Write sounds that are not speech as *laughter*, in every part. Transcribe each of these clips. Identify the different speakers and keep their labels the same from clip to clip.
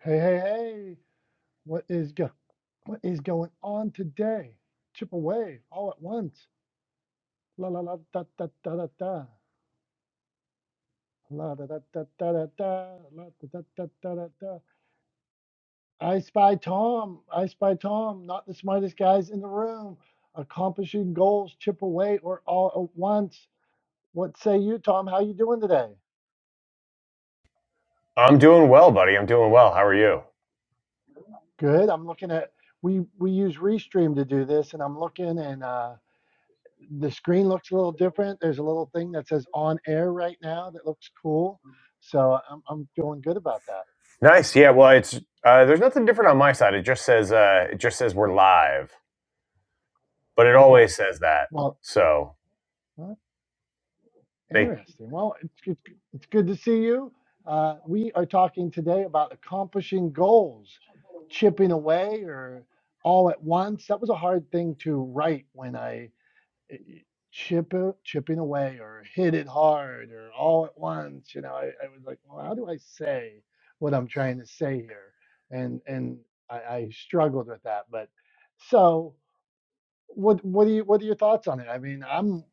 Speaker 1: Hey, hey, hey, what is go what is going on today? Chip away all at once. La la la da da da da da. La da da da da da da. La da da da da da da. I spy Tom. I spy Tom. Not the smartest guys in the room. Accomplishing goals, chip away or all at once. What say you, Tom? How you doing today?
Speaker 2: I'm doing well, buddy. I'm doing well. How are you?
Speaker 1: Good. I'm looking at we we use Restream to do this, and I'm looking and uh the screen looks a little different. There's a little thing that says on air right now that looks cool. So I'm, I'm feeling good about that.
Speaker 2: Nice. Yeah. Well, it's uh, there's nothing different on my side. It just says uh, it just says we're live, but it
Speaker 1: Okay.
Speaker 2: always says that.
Speaker 1: Well,
Speaker 2: So
Speaker 1: huh,
Speaker 2: they
Speaker 1: interesting. Well, it's good, it's good to see you. Uh, we are talking today about accomplishing goals, chipping away or all at once. That was a hard thing to write when I eh, Chip it- chipping away or hit it hard or all at once you know I, I was like well how do i say what i'm trying to say here and and i, I struggled with that but so what what do you what are your thoughts on it i mean i'm,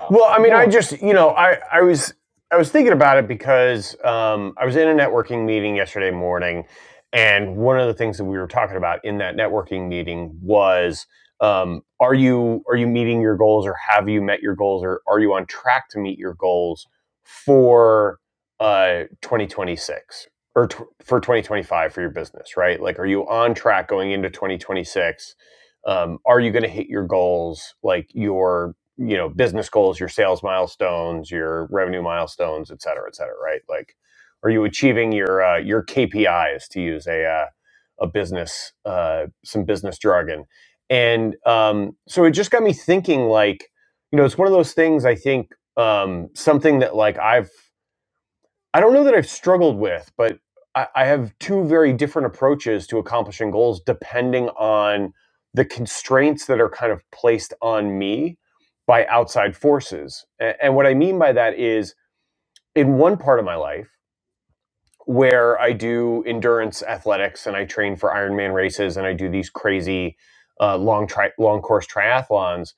Speaker 1: i am
Speaker 2: Well, I mean,
Speaker 1: go
Speaker 2: I
Speaker 1: on
Speaker 2: just,
Speaker 1: tom
Speaker 2: you know, I, I was I was thinking about it because um, I was in a networking meeting yesterday morning, and one of the things that we were talking about in that networking meeting was, um, are you are you meeting your goals, or have you met your goals, or are you on track to meet your goals for uh, 2026 or tw for 2025 for your business, right? Like, are you on track going into 2026? Um, are you going to hit your goals, like your you know business goals your sales milestones your revenue milestones et cetera et cetera right like are you achieving your uh, your kpis to use a uh, a business uh, some business jargon and um, so it just got me thinking like you know it's one of those things i think um, something that like i've I don't know that I've struggled with, but I, I have two very different approaches to accomplishing goals depending on the constraints that are kind of placed on me by outside forces. A- And what I mean by that is in one part of my life where I do endurance athletics and I train for Ironman races and I do these crazy uh, long tri- long course triathlons,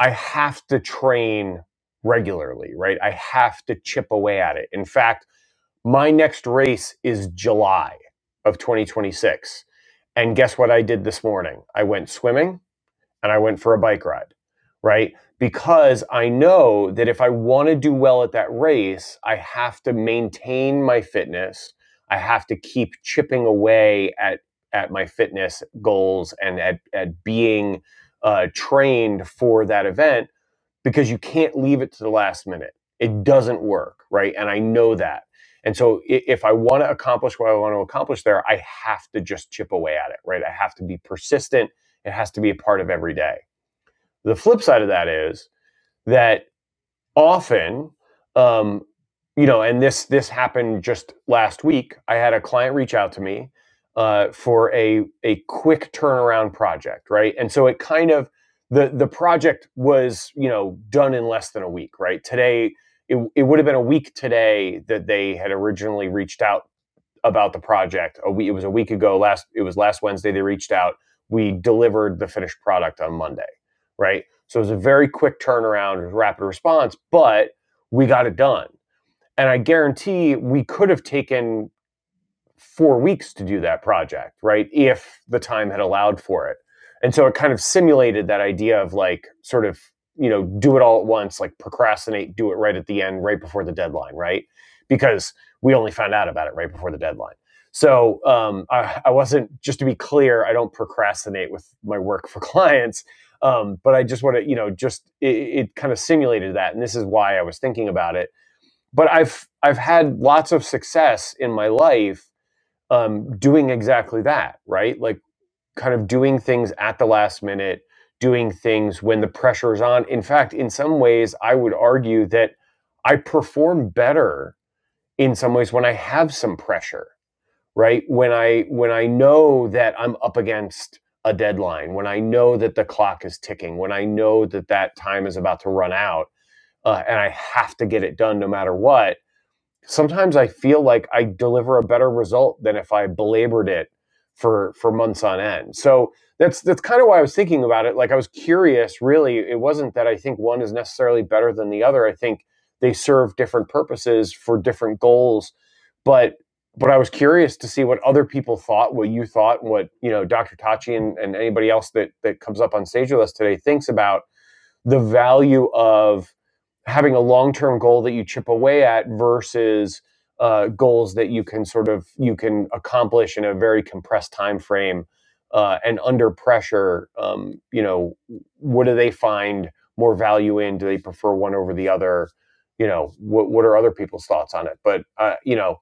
Speaker 2: I have to train regularly, right? I have to chip away at it. In fact, my next race is July of 2026. And guess what I did this morning? I went swimming and I went for a bike ride, right? Because I know that if I want to do well at that race, I have to maintain my fitness. I have to keep chipping away at at my fitness goals and at, at being uh, trained for that event because you can't leave it to the last minute. It doesn't work, right? And I know that. And so if I want to accomplish what I want to accomplish there, I have to just chip away at it, right? I have to be persistent. It has to be a part of every day. The flip side of that is that often um, you know and this this happened just last week i had a client reach out to me uh, for a a quick turnaround project right and so it kind of the the project was you know done in less than a week right today it, it would have been a week today that they had originally reached out about the project. A week, it was a week ago. Last it was last Wednesday. They reached out. We delivered the finished product on Monday, right? So it was a very quick turnaround, rapid response, but we got it done. And I guarantee we could have taken four weeks to do that project, right? If the time had allowed for it. And so it kind of simulated that idea of like sort of, you know, do it all at once, like procrastinate, do it right at the end, right before the deadline, right? Because we only found out about it right before the deadline. So um, I, I wasn't, just to be clear, I don't procrastinate with my work for *laughs* clients. Um, but I just want to, you know, just it, it kind of simulated that. And this is why I was thinking about it. But I've, I've had lots of success in my life um, doing exactly that, right? Like kind of doing things at the last minute, doing things when the pressure is on. In fact, in some ways, I would argue that I perform better in some ways when I have some pressure, right? When I when I know that I'm up against a deadline, when I know that the clock is ticking, when I know that that time is about to run out, uh, and I have to get it done no matter what sometimes I feel like I deliver a better result than if I belabored it for for months on end. So that's that's kind of why I was thinking about it. Like I was curious, really. It wasn't that I think one is necessarily better than the other. I think they serve different purposes for different goals, but but I was curious to see what other people thought, what you thought, what you know, Dr. Tachi and, and anybody else that that comes up on stage with us today thinks about the value of having a long term goal that you chip away at versus uh, goals that you can sort of you can accomplish in a very compressed time frame uh, and under pressure. Um, you know, what do they find more value in? Do they prefer one over the other? You know, what what are other people's thoughts on it? But uh, you know,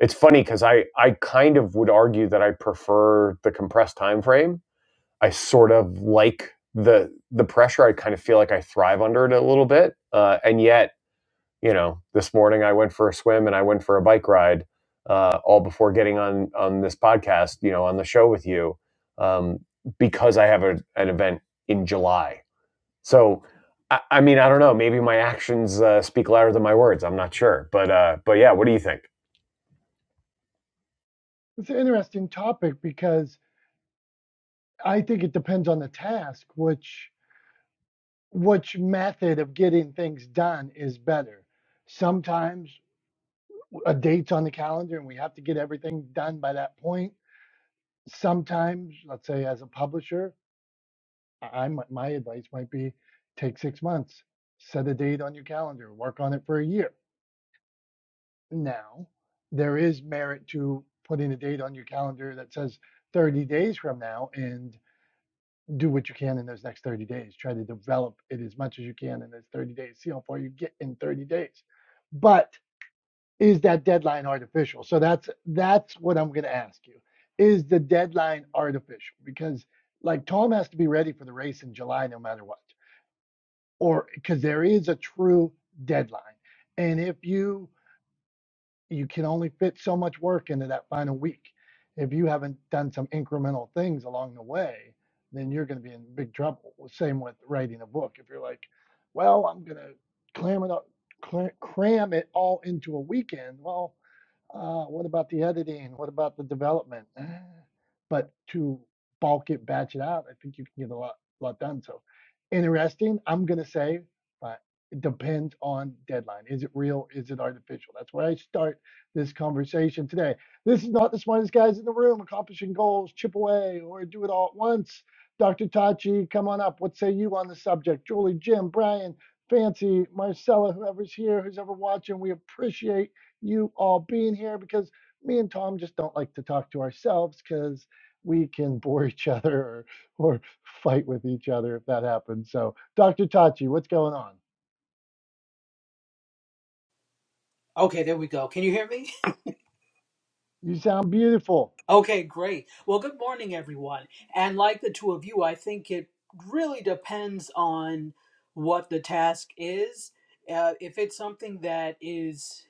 Speaker 2: it's funny because I I kind of would argue that I prefer the compressed time frame I sort of like the the pressure. I kind of feel like I thrive under it a little bit. Uh, and yet, you know, this morning I went for a swim and I went for a bike ride, uh, all before getting on on this podcast, you know, on the show with you, um, because I have a, an event in July. So, I, I mean, I don't know. Maybe my actions uh, speak louder than my words. I'm not sure, but uh, but yeah, what do you think?
Speaker 1: it's an interesting topic because i think it depends on the task which which method of getting things done is better sometimes a date's on the calendar and we have to get everything done by that point sometimes let's say as a publisher i my advice might be take six months set a date on your calendar work on it for a year now there is merit to putting a date on your calendar that says 30 days from now and do what you can in those next 30 days try to develop it as much as you can in those 30 days see how far you get in 30 days but is that deadline artificial? So that's that's what I'm going to ask you. Is the deadline artificial? Because like Tom has to be ready for the race in July no matter what. Or because there is a true deadline. And if you you can only fit so much work into that final week. If you haven't done some incremental things along the way, then you're going to be in big trouble. Well, Same with writing a book. If you're like, well, I'm going to clam it up, cla- cram it all into a weekend. Well, uh, what about the editing? What about the development? *sighs* But to bulk it, batch it out, I think you can get a lot, lot done. So interesting. I'm gonna say, but it depends on deadline. Is it real? Is it artificial? That's where I start this conversation today. This is not the smartest guys in the room. Accomplishing goals, chip away, or do it all at once. Dr. Tachi, come on up. What say you on the subject? Julie, Jim, Brian, Fancy, Marcella, whoever's here, who's ever watching, we appreciate you all being here because me and Tom just don't like to talk to ourselves because we can *laughs* bore each other or, or fight with each other if that happens. So, Dr. Tachi, what's going on?
Speaker 3: Okay, there we go. Can you hear me? *laughs*
Speaker 1: You sound beautiful,
Speaker 3: Okay, great. Well, good morning, everyone. And like the two of you, I think it really depends on what the task is. Uh, if it's something that is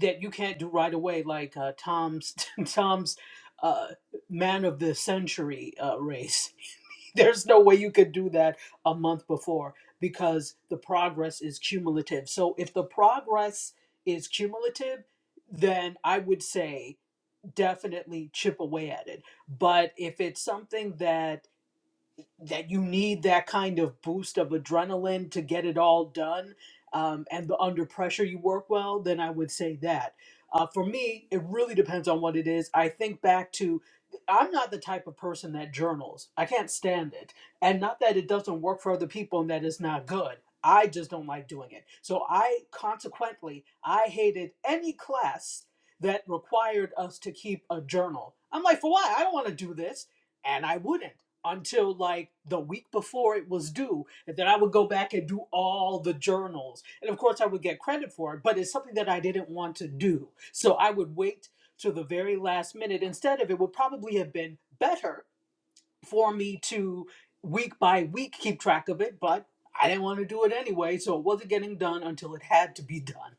Speaker 3: that you can't do right away, like uh, Tom's *laughs* Tom's uh, man of the century uh, race, *laughs* there's no way you could do that a month before because the progress is cumulative. So if the progress is cumulative, then I would say definitely chip away at it. But if it's something that that you need that kind of boost of adrenaline to get it all done um, and the under pressure you work well then i would say that uh, for me it really depends on what it is i think back to i'm not the type of person that journals i can't stand it and not that it doesn't work for other people and that it's not good i just don't like doing it so i consequently i hated any class that required us to keep a journal i'm like for what i don't want to do this and i wouldn't until like the week before it was due and then i would go back and do all the journals and of course i would get credit for it but it's something that i didn't want to do so i would wait to the very last minute instead of it would probably have been better for me to week by week keep track of it, but I didn't want to do it anyway, so it wasn't getting done until it had to be *laughs* done.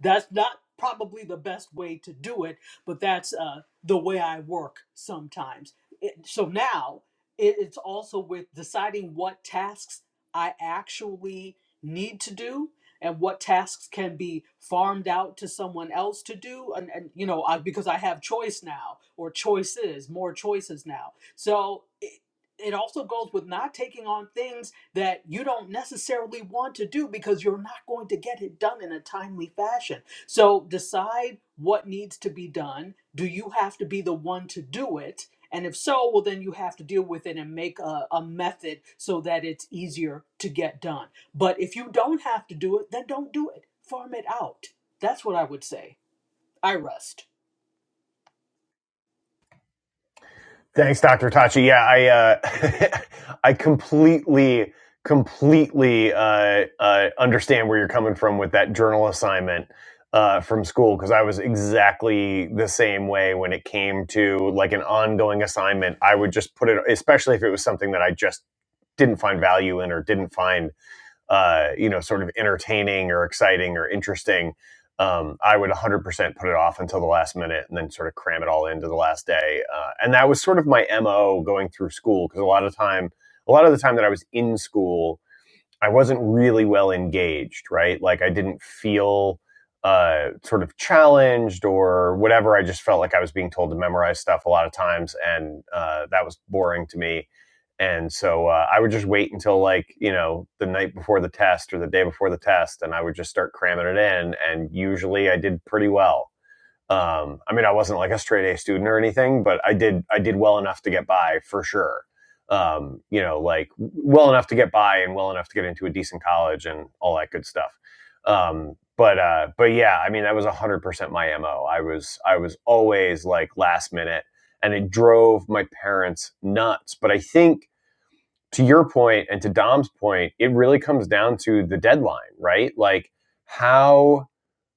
Speaker 3: That's not probably the best way to do it, but that's uh, the way I work sometimes. It, so now it, it's also with deciding what tasks I actually need to do and what tasks can be farmed out to someone else to do and, and you know I, because i have choice now or choices more choices now so it, it also goes with not taking on things that you don't necessarily want to do because you're not going to get it done in a timely fashion. So decide what needs to be done. Do you have to be the one to do it? And if so, well, then you have to deal with it and make a, a method so that it's easier to get done. But if you don't have to do it, then don't do it. Farm it out. That's what I would say. I rest.
Speaker 2: Thanks, Dr. Tachi. Yeah, I uh, *laughs* I completely completely uh, uh, understand where you're coming from with that journal assignment uh, from school because I was exactly the same way when it came to like an ongoing assignment. I would just put it, especially if it was something that I just didn't find value in or didn't find uh, you know, sort of entertaining or exciting or interesting, um, I would 100% put it off until the last minute and then sort of cram it all into the last day. Uh, and that was sort of my MO going through school because a lot of time, a lot of the time that I was in school, I wasn't really well engaged, right? Like I didn't feel uh, sort of challenged or whatever. I just felt like I was being told to memorize stuff a lot of times, and uh, that was boring to me. And so uh, I would just wait until like you know the night before the test or the day before the test, and I would just start cramming it in. And usually I did pretty well. Um, I mean, I wasn't like a straight A student or anything, but I did I did well enough to get by for sure. Um, you know, like well enough to get by and well enough to get into a decent college and all that good stuff. Um, but uh, but yeah, I mean, that was a hundred percent my mo. I was I was always like last minute, and it drove my parents nuts. But I think to your point and to Dom's point, it really comes down to the deadline, right? Like how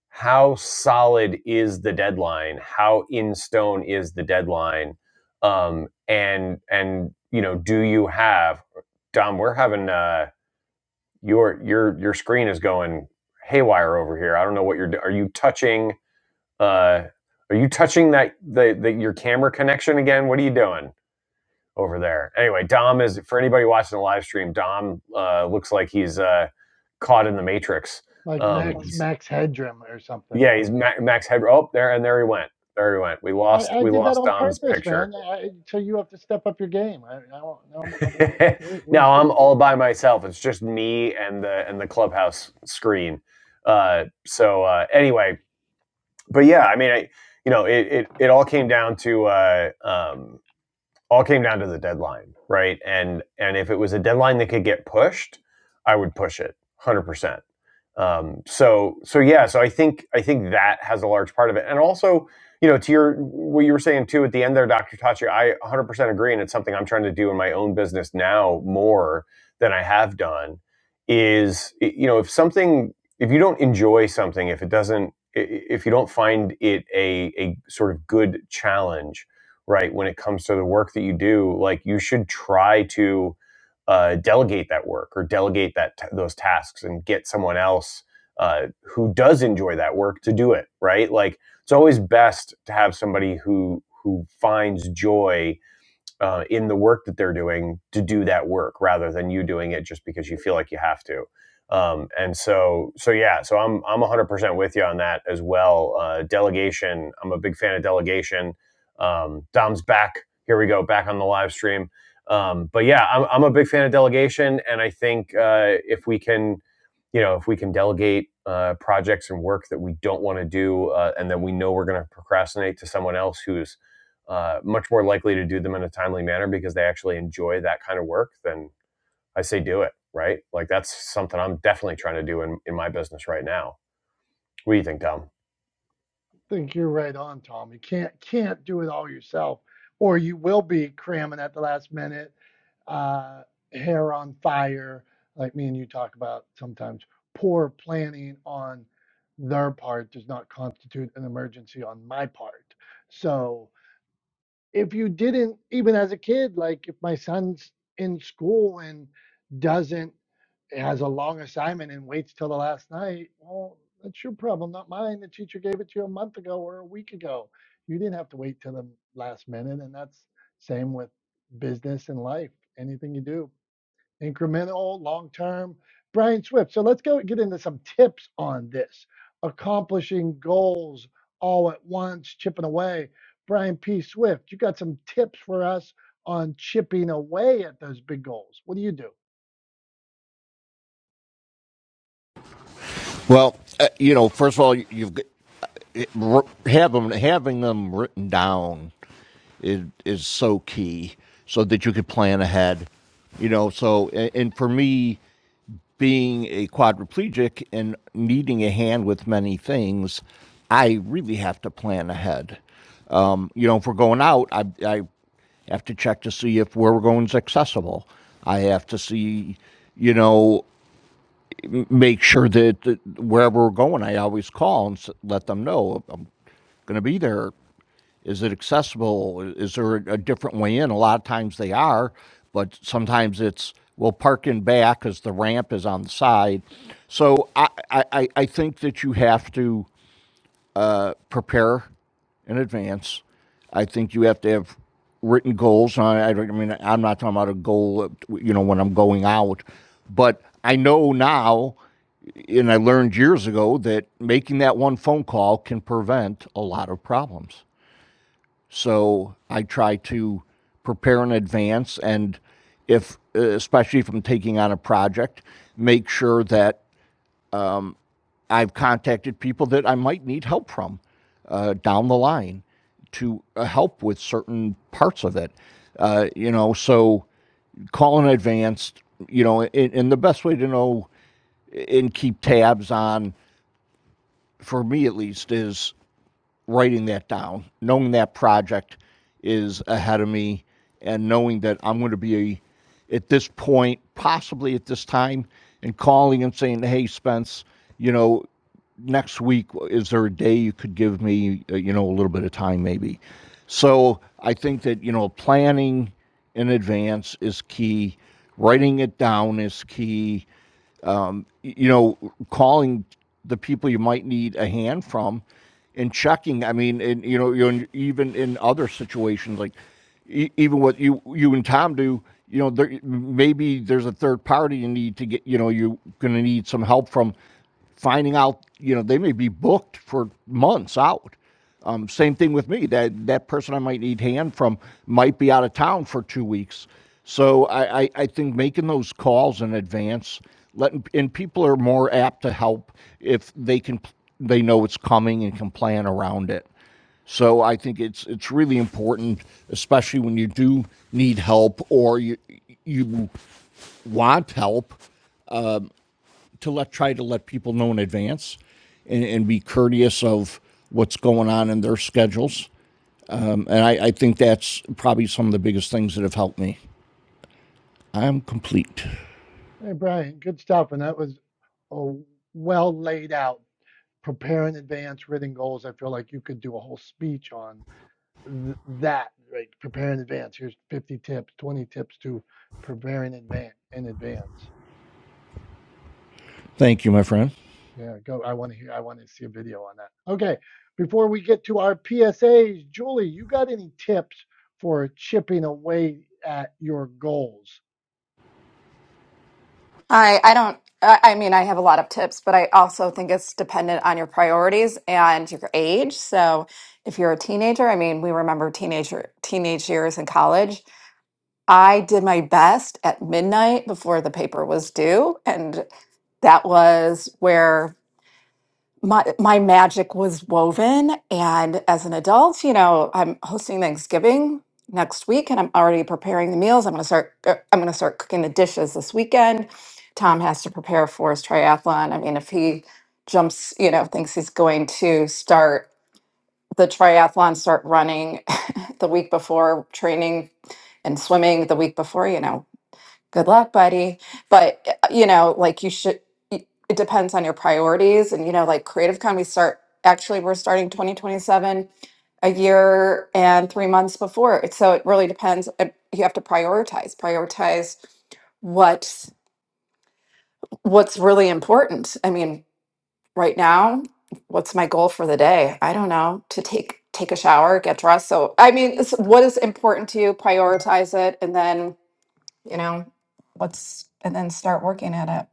Speaker 2: how solid is the deadline? How in stone is the deadline? Um, and and you know, do you have Dom? We're having uh, your your your screen is going haywire over here. I don't know what you're. Are you touching? Uh, are you touching that the, the your camera connection again? What are you doing over there? Anyway, Dom is for anybody watching the live stream. Dom uh, looks like he's uh, caught in the matrix.
Speaker 1: like
Speaker 2: Um,
Speaker 1: Max
Speaker 2: he's
Speaker 1: Max Headroom or something.
Speaker 2: yeah, he's Max Headroom. Oh, there and there he went. There he went. We lost.
Speaker 1: I, I
Speaker 2: We
Speaker 1: did that
Speaker 2: lost
Speaker 1: on
Speaker 2: Dom's
Speaker 1: purpose,
Speaker 2: picture.
Speaker 1: man. I, so you have to step up your game. I, I don't know. I'm- I'm- We're,
Speaker 2: *laughs*
Speaker 1: we're
Speaker 2: now
Speaker 1: still
Speaker 2: I'm all by myself. It's just me and the and the clubhouse screen. Uh, so uh, anyway, but yeah, I mean, I, you know, it, it it all came down to uh, um, all came down to the deadline, right? And and if it was a deadline that could get pushed, I would push it 100%. Um, so so yeah, so I think I think that has a large part of it, and also you know to your what you were saying too at the end there, Doctor Tachi, I 100% agree, and it's something I'm trying to do in my own business now more than I have done. Is you know if something if you don't enjoy something, if it doesn't if you don't find it a a sort of good challenge, right, when it comes to the work that you do, like you should try to uh, delegate that work or delegate that t- those tasks and get someone else uh, who does enjoy that work to do it right like it's always best to have somebody who who finds joy uh, in the work that they're doing to do that work rather than you doing it just because you feel like you have to. Um, and so, so yeah, so I'm I'm 100% with you on that as well. Uh, delegation, I'm a big fan of delegation. Um, Dom's back. Here we go, back on the live stream. Um, but yeah, I'm I'm a big fan of delegation, and I think uh, if we can, you know, if we can delegate uh, projects and work that we don't want to do, uh, and then we know we're going to procrastinate to someone else who's uh, much more likely to do them in a timely manner because they actually enjoy that kind of work, then I say do it, right? Like that's something I'm definitely trying to do in, in my business right now. What do you think, Dom?
Speaker 1: think you're right on, Tom. You can't can't do it all yourself, or you will be cramming at the last minute, uh, hair on fire, like me and you talk about sometimes. Poor planning on their part does not constitute an emergency on my part. So if you didn't even as a kid like if my son's in school and doesn't has a long assignment and waits till the last night well that's your problem not mine the teacher gave it to you a month ago or a week ago you didn't have to wait till the last minute and that's same with business and life anything you do incremental, long term. Brian Swift. So let's go get into some tips on this accomplishing goals all at once, chipping away. Brian P. Swift, you got some tips for us on chipping away at those big goals. What do you do?
Speaker 4: Well, uh, you know, first of all, you've got- it, r- have them, having them written down is is so key, so that you could plan ahead. You know, so a- and for me, being a quadriplegic and needing a hand with many things, I really have to plan ahead. Um, you know, if we're going out, I, I have to check to see if where we're going is accessible. I have to see, you know, make sure that, that wherever we're going, I always call and let them know I'm going to be there. Is it accessible? Is there a different way in? A lot of times they are, but sometimes it's we'll park in back because the ramp is on the side. So I, I I think that you have to prepare in advance. I think you have to have written goals. I, I don't. I mean, I'm not talking about a goal. uh, You know, when I'm going out, but I know now, and I learned years ago that making that one phone call can prevent a lot of problems. So I try to prepare in advance, and if uh, especially if I'm taking on a project, make sure that I've contacted people that I might need help from uh, down the line to uh, help with certain parts of it. Uh, you know, so call in advance. You know, and, and the best way to know and keep tabs on, for me at least, is writing that down, knowing that project is ahead of me, and knowing that I'm going to be a, at this point, possibly at this time, and calling and saying, "Hey, Spence, you know, next week is there a day you could give me, uh, you know, a little bit of time, maybe?" So I think that you know, planning in advance is key. Writing it down is key you know, calling the people you might need a hand from and checking. I mean, and you know, you're even in other situations, like e- even what you you and Tom do, you know, there, maybe there's a third party you need to get. You know, you're going to need some help from finding out, you know, they may be booked for months out. Um, same thing with me. That that person I might need hand from might be out of town for two weeks. So I, I, I think making those calls in advance, letting and people are more apt to help if they can they know it's coming and can plan around it. So I think it's it's really important, especially when you do need help or you you want help, to let try to let people know in advance and, and be courteous of what's going on in their schedules. Um, and I, I think that's probably some of the biggest things that have helped me. I'm complete.
Speaker 1: Hey, Brian, good stuff. And that was a well laid out, prepare in advance, written goals. I feel like you could do a whole speech on th- that, right? Prepare in advance. Here's 50 tips, 20 tips to prepare in advance. In advance.
Speaker 4: Thank you, my friend.
Speaker 1: Yeah, go. I want to hear. I want to see a video on that. Okay, before we get to our PSAs, Julie, you got any tips for chipping away at your goals?
Speaker 5: I I don't I I mean I have a lot of tips, but I also think it's dependent on your priorities and your age. So if you're a teenager, I mean we remember teenager teenage years in college. I did my best at midnight before the paper was due and that was where my my magic was woven and as an adult you know i'm hosting thanksgiving next week and i'm already preparing the meals i'm going to start er, i'm going to start cooking the dishes this weekend tom has to prepare for his triathlon i mean if he jumps you know thinks he's going to start the triathlon start running *laughs* the week before training and swimming the week before you know good luck buddy but uh, you know like you should it depends on your priorities and you know like creative con we start actually we're starting 2027 a year and three months before so it really depends uh, you have to prioritize prioritize what what's really important i mean right now what's my goal for the day i don't know to take take a shower get dressed so i mean it's, what is important to you prioritize it and then you know what's and then start working at it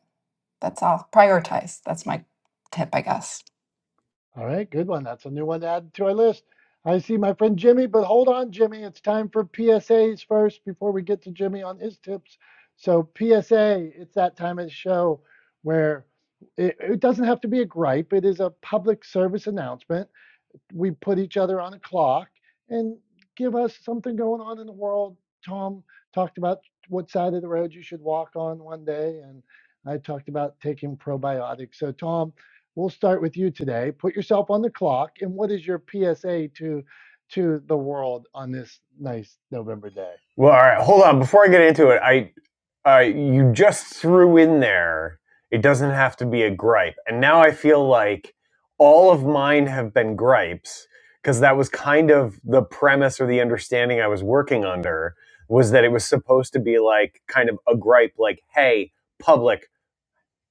Speaker 5: that's all prioritize that's my tip i guess
Speaker 1: All right, good one. That's a new one to add to our list. I see my friend Jimmy, but hold on, Jimmy. It's time for PSAs first before we get to Jimmy on his tips. So PSA, it's that time of the show where it, it doesn't have to be a gripe. It is a public service announcement we put each other on a clock and give us something going on in the world. Tom talked about what side of the road you should walk on one day, and I talked about taking probiotics. So, Tom, we'll start with you today. Put yourself on the clock, and what is your PSA to to the world on this nice November day?
Speaker 2: Well, all right, hold on. Before I get into it, I uh, you just threw in there. It doesn't have to be a gripe, and now I feel like all of mine have been gripes because that was kind of the premise or the understanding I was working under was that it was supposed to be like kind of a gripe, like, "Hey, public,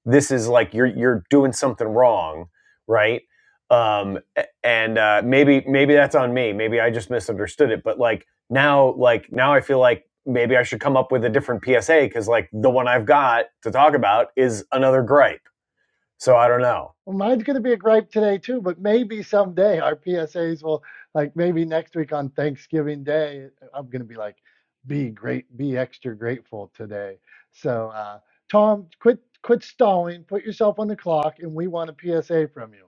Speaker 2: this is like you're you're doing something wrong, right? Um, and uh, maybe maybe that's on me. Maybe I just misunderstood it. But like now, like now, I feel like maybe I should come up with a different PSA because like the one I've got to talk about is another gripe. So I don't know.
Speaker 1: Well, mine's going to be a gripe today too, but maybe someday our PSAs will, like maybe next week on Thanksgiving Day, I'm going to be like, be great, be extra grateful today. So, uh, Tom, quit quit stalling, put yourself on the clock, and we want a PSA from you.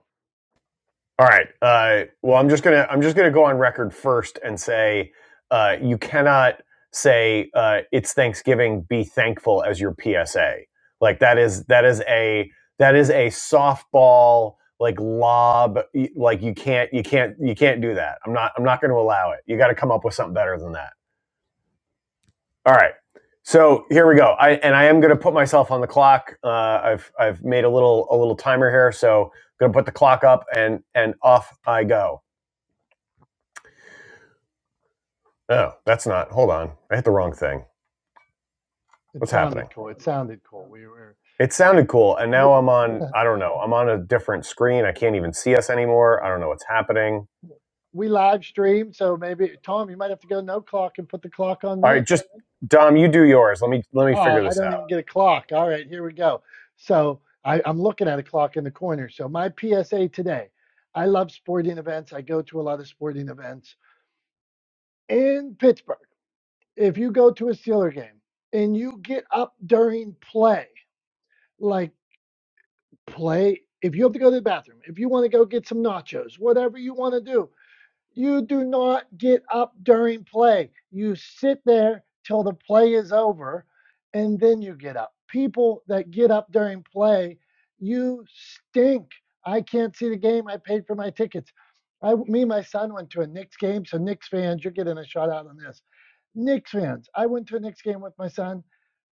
Speaker 2: All right. Uh, well, I'm just gonna I'm just gonna go on record first and say uh, you cannot say uh, it's Thanksgiving. Be thankful as your PSA. Like that is that is a that is a softball like lob. Like you can't you can't you can't do that. I'm not I'm not going to allow it. You got to come up with something better than that. All right. So here we go. I and I am going to put myself on the clock. Uh, I've I've made a little a little timer here. So I'm going to put the clock up and and off I go. Oh, that's not. Hold on. I hit the wrong thing.
Speaker 1: It
Speaker 2: What's happening?
Speaker 1: sounded cool. It sounded cool. We were
Speaker 2: It sounded cool, and
Speaker 1: we,
Speaker 2: now I'm on, I don't know, I'm on a different screen. I can't even see us anymore. I don't know what's happening.
Speaker 1: we live streamed, so maybe Tom, you might have to go no clock and put the clock on
Speaker 2: All
Speaker 1: me.
Speaker 2: right, just Dom, you do yours. Let me let me
Speaker 1: Oh,
Speaker 2: figure
Speaker 1: I
Speaker 2: this out.
Speaker 1: don't even get a clock. All right, here we go. So I, I'm looking at a clock in the corner. So my PSA today I love sporting events. I go to a lot of sporting events in Pittsburgh. If you go to a Steeler game and you get up during play, like play, if you have to go to the bathroom, if you want to go get some nachos, whatever you want to do, You do not get up during play. You sit there till the play is over and then you get up. People that get up during play, you stink. I can't see the game. I paid for my tickets. I, me and my son went to a Knicks game. So, Knicks fans, you're getting a shout out on this. Knicks fans, I went to a Knicks game with my son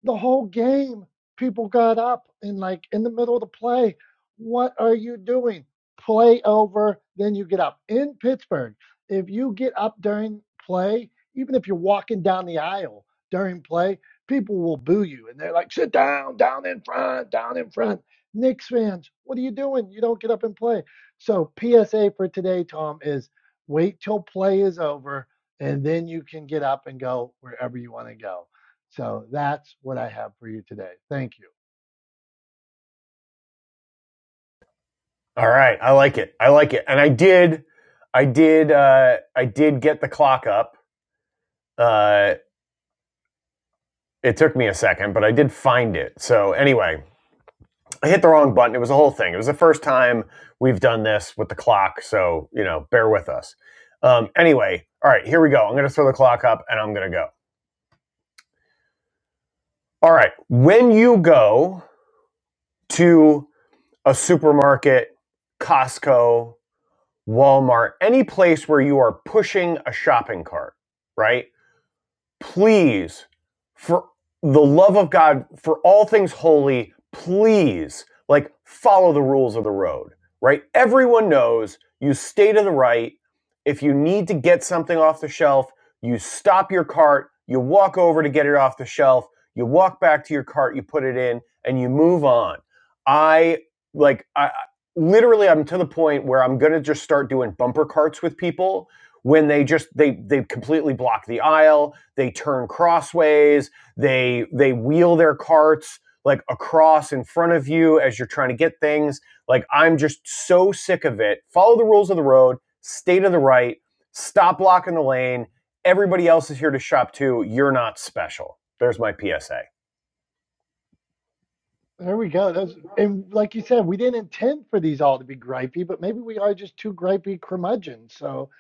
Speaker 1: the whole game, people got up and like in the middle of the play, what are you doing? Play over, then you get up. In Pittsburgh, if you get up during play, even if you're walking down the aisle during play, people will boo you and they're like, sit down, down in front, down in front. Knicks fans, what are you doing? You don't get up and play. So PSA for today, Tom, is wait till play is over and then you can get up and go wherever you want to go. So that's what I have for you today. Thank you.
Speaker 2: All right, I like it. I like it. And I did I did uh I did get the clock up. Uh it took me a second, but I did find it. So anyway, I hit the wrong button. It was a whole thing. It was the first time we've done this with the clock, so you know, bear with us. Um, anyway, all right, here we go. I'm going to throw the clock up, and I'm going to go. All right, when you go to a supermarket, Costco, Walmart, any place where you are pushing a shopping cart, right? please, for the love of God, for all things holy, please, like, follow the rules of the road, right? Everyone knows you stay to the right. If you need to get something off the shelf, you stop your cart, you walk over to get it off the shelf, you walk back to your cart, you put it in, and you move on. I, like, I, literally i'm to the point where i'm going to just start doing bumper carts with people when they just they they completely block the aisle they turn crossways, they they wheel their carts like across in front of you as you're trying to get things. Like I'm just so sick of it. Follow the rules of the road, stay to the right, stop blocking the lane. Everybody else is here to shop too. You're not special. There's my PSA.
Speaker 1: There we go. That's, and like you said, we didn't intend for these all to be gripey, but maybe we are just two gripey curmudgeons. So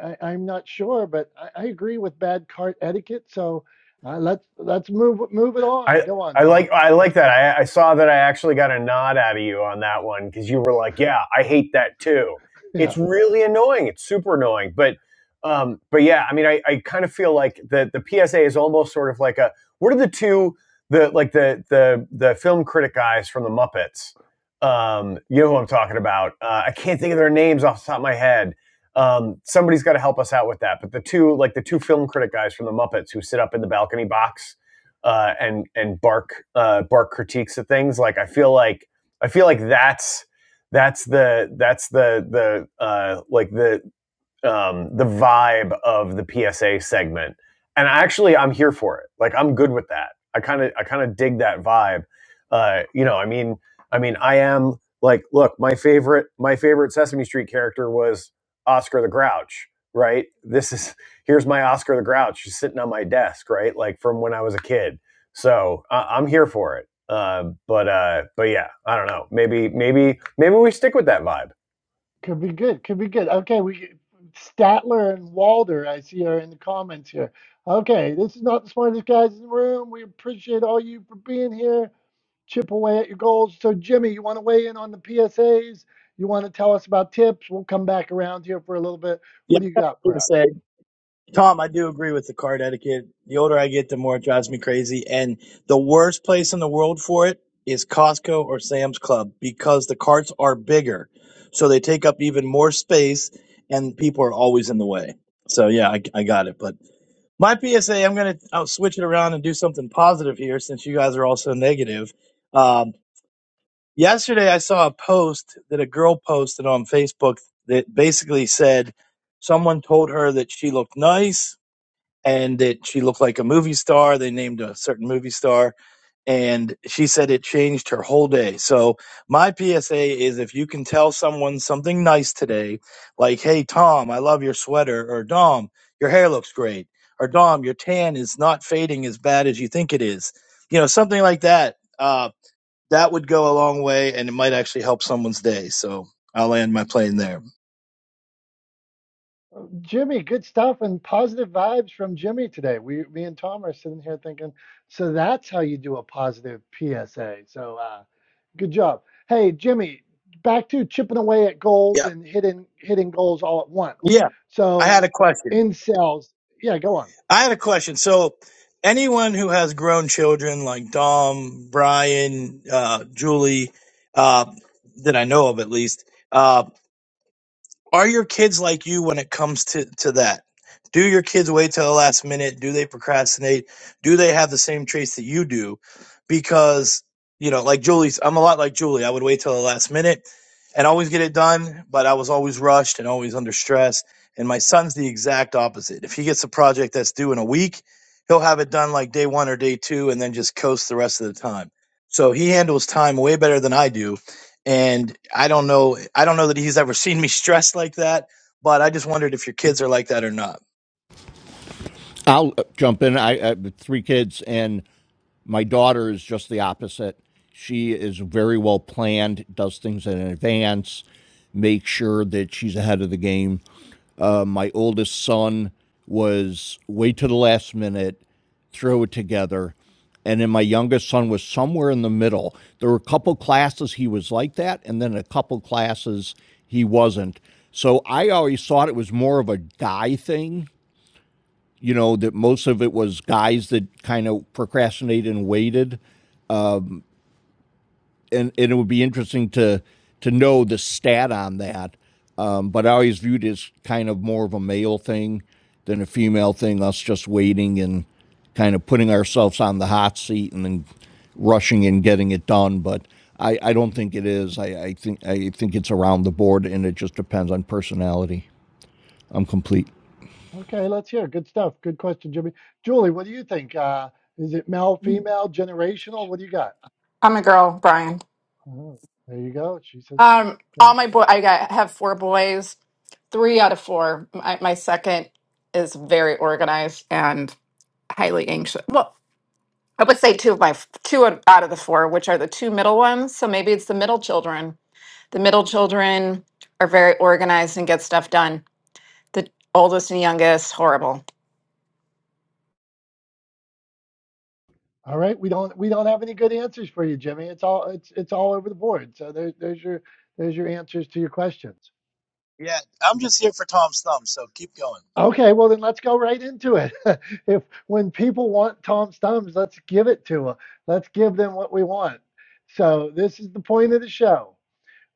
Speaker 1: I, I- am not sure, but I, I agree with bad cart etiquette. So uh, let's let's move move it on.
Speaker 2: I
Speaker 1: Go on,
Speaker 2: I
Speaker 1: Tom.
Speaker 2: like I like that. I, I saw that I actually got a nod out of you on that one because you were like, "Yeah, I hate that too." It's
Speaker 1: Yeah,
Speaker 2: really annoying. It's super annoying. But um, but yeah, I mean, I, I kind of feel like the the PSA is almost sort of like a what are the two the like the the the film critic guys from the Muppets? Um, you know who I'm talking about. Uh, I can't think of their names off the top of my head. Um, somebody's got to help us out with that. But the two like the two film critic guys from the Muppets who sit up in the balcony box uh, and and bark uh, bark critiques of things. Like I feel like I feel like that's that's the that's the the uh, like the um, the vibe of the PSA segment. And actually, I'm here for it. Like I'm good with that. I kind of I kind of dig that vibe. Uh, you know, I mean, I mean, I am like, look, my favorite my favorite Sesame Street character was Oscar the Grouch, right? This is *laughs* here's my Oscar the Grouch just sitting on my desk, right? Like from when I was a kid. So I I'm here for it. Uh, but uh, but yeah, I don't know. Maybe maybe maybe we stick with that vibe.
Speaker 1: could be good. Could be good. Okay, we Statler and Walder. I see are in the comments here. Okay, this is not the smartest guys in the room. We appreciate all you for being here. chip away at your goals. So, Jimmy, you want to weigh in on the PSAs? You want to tell us about tips? We'll come back around here for a little bit.
Speaker 6: Yeah,
Speaker 1: What do you
Speaker 6: I
Speaker 1: got
Speaker 6: was
Speaker 1: for
Speaker 6: gonna
Speaker 1: us?
Speaker 6: say, Tom, I do agree with the card etiquette. The older I get, the more it drives me crazy. And the worst place in the world for it is Costco or Sam's Club because the carts are bigger, so they take up even more space, and people are always in the way. So yeah, I, I got it. But my PSA, I'm gonna I'll switch it around and do something positive here since you guys are all so negative. Um, yesterday I saw a post that a girl posted on Facebook that basically said someone told her that she looked nice and that she looked like a movie star. They named a certain movie star and she said it changed her whole day. So my PSA is if you can tell someone something nice today, like, Hey, Tom, I love your sweater or Dom, your hair looks great or Dom, your tan is not fading as bad as you think it is. You know, something like that. Um, that would go a long way and it might actually help someone's day. So I'll land my plane there.
Speaker 1: Jimmy, good stuff and positive vibes from Jimmy today. We, me and Tom are sitting here thinking, so that's how you do a positive PSA. So, uh, good job. Hey, Jimmy, back to chipping away at goals
Speaker 6: Yeah.
Speaker 1: and hitting hitting goals all at once.
Speaker 6: Yeah. I had
Speaker 1: So,
Speaker 6: a question.
Speaker 1: in sales, yeah, go on.
Speaker 6: I had a question. So anyone who has grown children like Dom, Brian, uh, Julie, uh, that I know of at least, uh, are your kids like you when it comes to, to that? Do your kids wait till the last minute? Do they procrastinate? Do they have the same traits that you do? Because, you know, like Julie's, I'm a lot like Julie. I would wait till the last minute and always get it done, but I was always rushed and always under stress. And my son's the exact opposite. If he gets a project that's due in a week, he'll have it done like day one or day two and then just coast the rest of the time. So he handles time way better than I do and I don't know I don't know that he's ever *laughs* seen me stressed like that, but I just wondered if your kids are like that or not.
Speaker 4: I'll uh, jump in. I, I have three kids, and My daughter is just the opposite. She is very well planned, does things in advance, makes sure that she's ahead of the game. Uh, my oldest son was wait to the last minute, throw it together. And then my youngest son was somewhere in the middle. There were a couple classes he was like that, and then a couple classes he wasn't. So I always thought it was more of a guy thing, you know, that most of it was guys that kind of procrastinated and waited. and, and it would be interesting to to know the stat on that. Um, but I always viewed it as kind of more of a male thing than a female thing. Us just waiting and kind of putting ourselves on the hot seat and then rushing and getting it done. But I, I don't think it is. I, I think I think it's around the board, and it just depends on personality. I'm complete.
Speaker 1: Okay, let's hear. Good stuff. Good question, Jimmy. Julie, what do you think? Uh, is it male, female, generational? What do you got?
Speaker 5: i'm a girl brian
Speaker 1: Oh, there you go. She said,
Speaker 5: um all
Speaker 1: "Go."
Speaker 5: my boy i got have four boys three out of four my, my second is very organized and highly anxious well i would say two of my two out of the four which are the two middle ones so maybe it's the middle children the middle children are very organized and get stuff done the oldest and youngest horrible
Speaker 1: All right, we don't we don't have any good answers for you, Jimmy. It's all it's it's all over the board. So there's there's your there's your answers to your questions.
Speaker 6: Yeah, I'm just here for Tom's thumb, so keep going.
Speaker 1: Okay, well then let's go right into it. *laughs* if when people want Tom's thumbs, let's give it to them. Let's give them what we want. So this is the point of the show.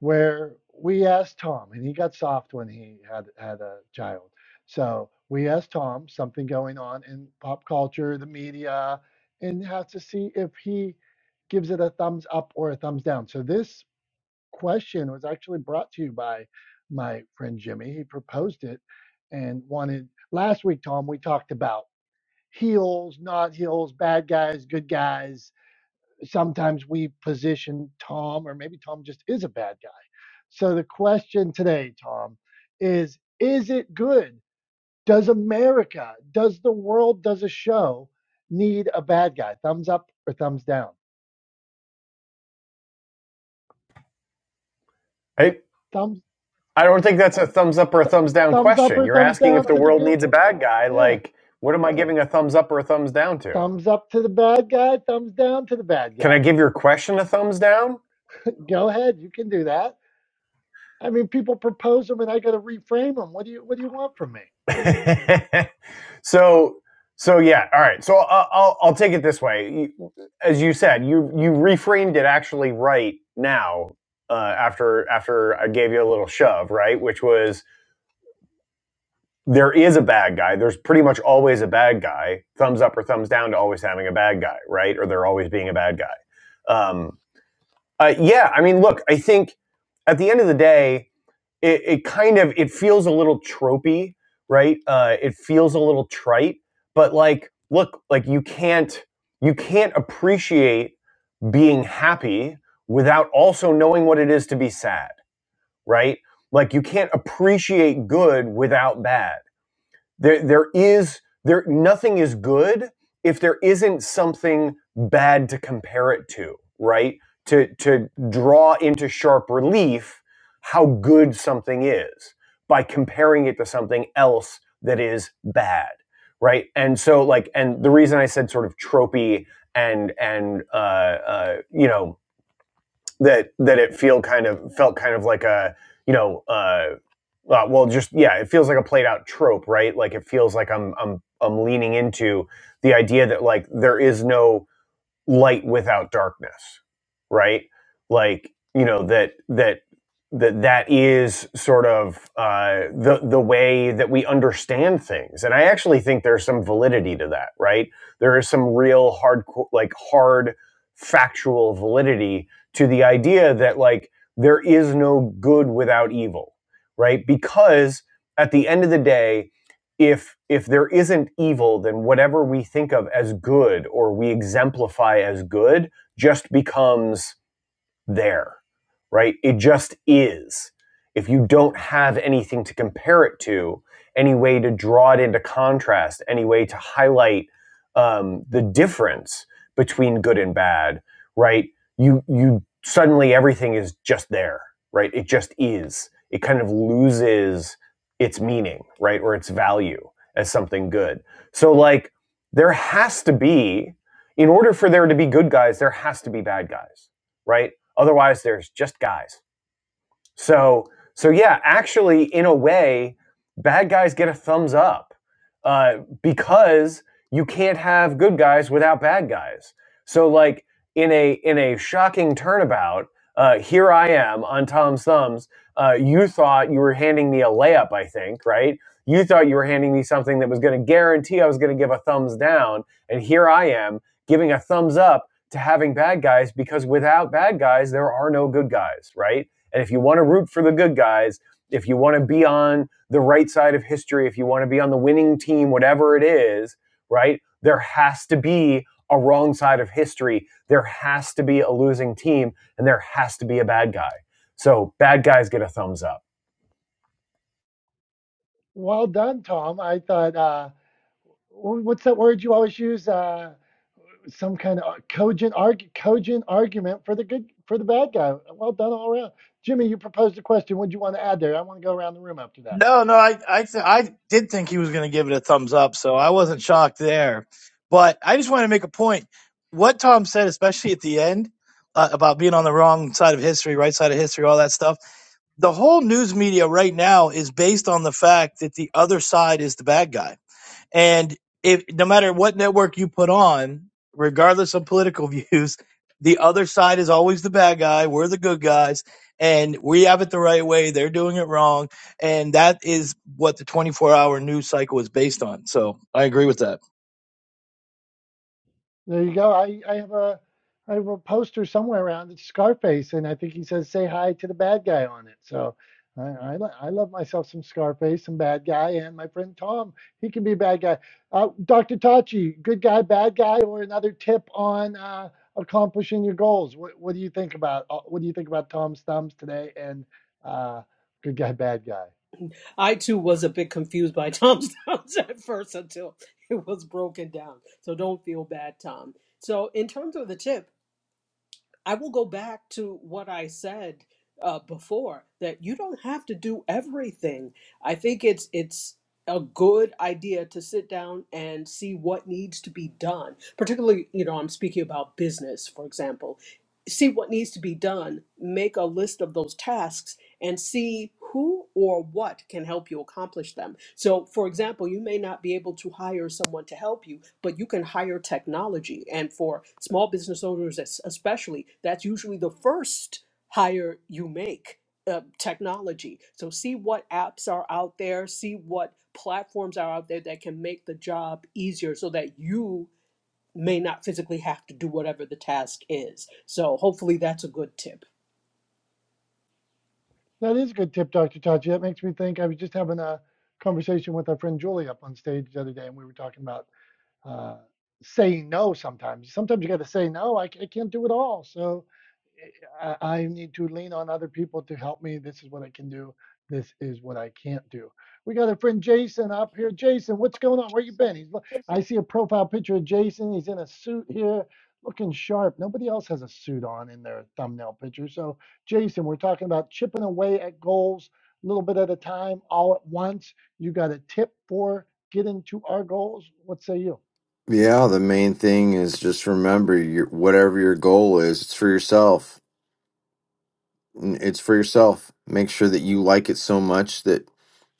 Speaker 1: where we asked Tom, and he got soft when he had had a child. So we asked Tom something going on in pop culture, the media, and have to see if he gives it a thumbs up or a thumbs down. So this question was actually brought to you by my friend Jimmy. He proposed it and wanted last week, Tom, we talked about heels, not heels, bad guys, good guys sometimes we position Tom, or maybe Tom just is a bad guy. So the question today, Tom, is is it good? Does America, does the world, does a show need a bad guy? Thumbs up or thumbs down?
Speaker 2: I,
Speaker 1: Thumbs
Speaker 2: I don't think that's a thumbs up or a
Speaker 1: th-
Speaker 2: thumbs down
Speaker 1: thumbs up
Speaker 2: question.
Speaker 1: or
Speaker 2: You're
Speaker 1: thumbs
Speaker 2: asking if
Speaker 1: down
Speaker 2: the
Speaker 1: to the
Speaker 2: world
Speaker 1: good?
Speaker 2: needs a bad guy.
Speaker 1: Yeah.
Speaker 2: Like, what am I giving a thumbs up or a thumbs down to?
Speaker 1: Thumbs up to the bad guy, thumbs down to the bad
Speaker 2: Can I
Speaker 1: guy.
Speaker 2: give your question a thumbs down?
Speaker 1: Go ahead, you can do that. I mean, people propose them and I got to reframe them. What do you what do you want from me?
Speaker 2: *laughs* so, so yeah, all right. So I'll, I'll I'll take it this way. As you said, you you reframed it actually right now. Uh, after after I gave you a little shove, right, which was there is a bad guy. There's pretty much always a bad guy. Thumbs up or thumbs down to always having a bad guy, right? Or there always being a bad guy. Um, uh, yeah, I mean, look, I think at the end of the day, it, it kind of it feels a little tropey, right? Uh, it feels a little trite, but like, look, like you can't you can't appreciate being happy without also knowing what it is to be sad, right? Like you can't appreciate good without bad there, there is there nothing is good if there isn't something bad to compare it to, right? To to draw into sharp relief how good something is by comparing it to something else that is bad, right? And so like, and the reason I said sort of tropey and and uh, uh, you know that that it feel kind of felt kind of like a you know uh, uh, well just yeah it feels like a played out trope right like it feels like I'm I'm I'm leaning into the idea that like there is no light without darkness right like you know that that that that is sort of uh, the the way that we understand things and i actually think there's some validity to that right there is some real hard like hard factual validity to the idea that like there is no good without evil right because at the end of the day if if there isn't evil then whatever we think of as good or we exemplify as good just becomes there, right? It just is. If you don't have anything to compare it to, any way to draw it into contrast, any way to highlight um, the difference between good and bad, right? You you suddenly everything is just there, right? It just is. It kind of loses its meaning, right, or its value as something good. So like there has to be, in order for there to be good guys, there has to be bad guys, right? Otherwise, there's just guys. So so yeah, actually, in a way, bad guys get a thumbs up uh, because you can't have good guys without bad guys. So like in a in a shocking turnabout, uh, here I am on Tom's thumbs. Uh, you thought you were handing me a layup, I think, right? You thought you were handing me something that was going to guarantee I was going to give a thumbs down, and here I am giving a thumbs up to having bad guys because without bad guys there are no good guys, right? And if you want to root for the good guys, if you want to be on the right side of history, if you want to be on the winning team, whatever it is, right? There has to be a wrong side of history. There has to be a losing team and there has to be a bad guy. So bad guys get a thumbs up.
Speaker 1: Well done, Tom. I thought uh wh- what's that word you always use? Uh, some kind of cogent arg- cogent argument for the good for the bad guy. Well done all around. Jimmy, you proposed a question. What do you want to add there? I want to go around the room after that.
Speaker 6: No, no, I I th- I did think he was going to give it a thumbs up, so I wasn't shocked there. But I just want to make a point. What Tom said, especially at the end uh, about being on the wrong side of history, right side of history, all that stuff. The whole news media right now is based on the fact that the other side is the bad guy. And if no matter what network you put on, regardless of political *laughs* views, the other side is always the bad guy. We're the good guys, and we have it the right way. They're doing it wrong, and that is what the 24-hour news cycle is based on. So I agree with that.
Speaker 1: There you go. I, I have a I have a poster somewhere around. It's Scarface, and I think he says "Say hi to the bad guy" on it. So I I, lo- I love myself some Scarface, some bad guy, and my friend Tom. He can be a bad guy. Uh, Dr. Tachi, good guy, bad guy, or another tip on uh, accomplishing your goals. What what do you think about uh, what do you think about Tom's thumbs today and uh, good guy, bad guy?
Speaker 3: I too was a bit confused by Tom's *laughs* notes at first until it was broken down. So don't feel bad, Tom. So in terms of the tip, I will go back to what I said uh, before that you don't have to do everything. I think it's it's a good idea to sit down and see what needs to be done. Particularly, you know, I'm speaking about business, for example. See what needs to be done. Make a list of those tasks and see who or what can help you accomplish them. So, for example, you may not be able to hire someone to help you, but you can hire technology. And for small business owners, es- especially, that's usually the first hire you make. Uh, technology. So, see what apps are out there, see what platforms are out there that can make the job easier so that you may not physically have to do whatever the task is. So, hopefully, that's a good tip.
Speaker 1: That is a good tip, Dr. Tachi. That makes me think. I was just having a conversation with our friend Julie up on stage the other day, and we were talking about uh, saying no sometimes. Sometimes you got to say no. I, I can't do it all. So eh, I, I need to lean on other people to help me. This is what I can do. This is what I can't do. We got our friend Jason up here. Jason, what's going on? Where you been? He's. I see a profile picture of Jason. He's in a suit here, looking sharp. Nobody else has a suit on in their thumbnail picture. So Jason, we're talking about chipping away at goals, a little bit at a time, all at once. You got a tip for getting to our goals? What say you?
Speaker 7: Yeah, the main thing is just remember your whatever your goal is, it's for yourself. N- It's for yourself. Make sure that you like it so much that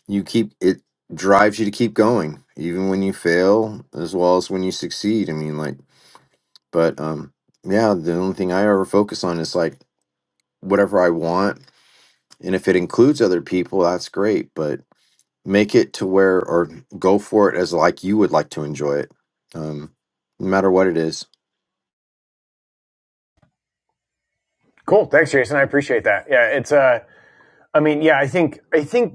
Speaker 7: you keep it drives you to keep going, even when you fail as well as when you succeed. I mean, like, but um, yeah, the only thing I ever focus on is like whatever I want, and if it includes other people, that's great. But make it to where or go for it as like you would like to enjoy it, um, no matter what it is.
Speaker 2: Cool. Thanks, Jason. I appreciate that. Yeah, it's uh I mean, yeah, I think I think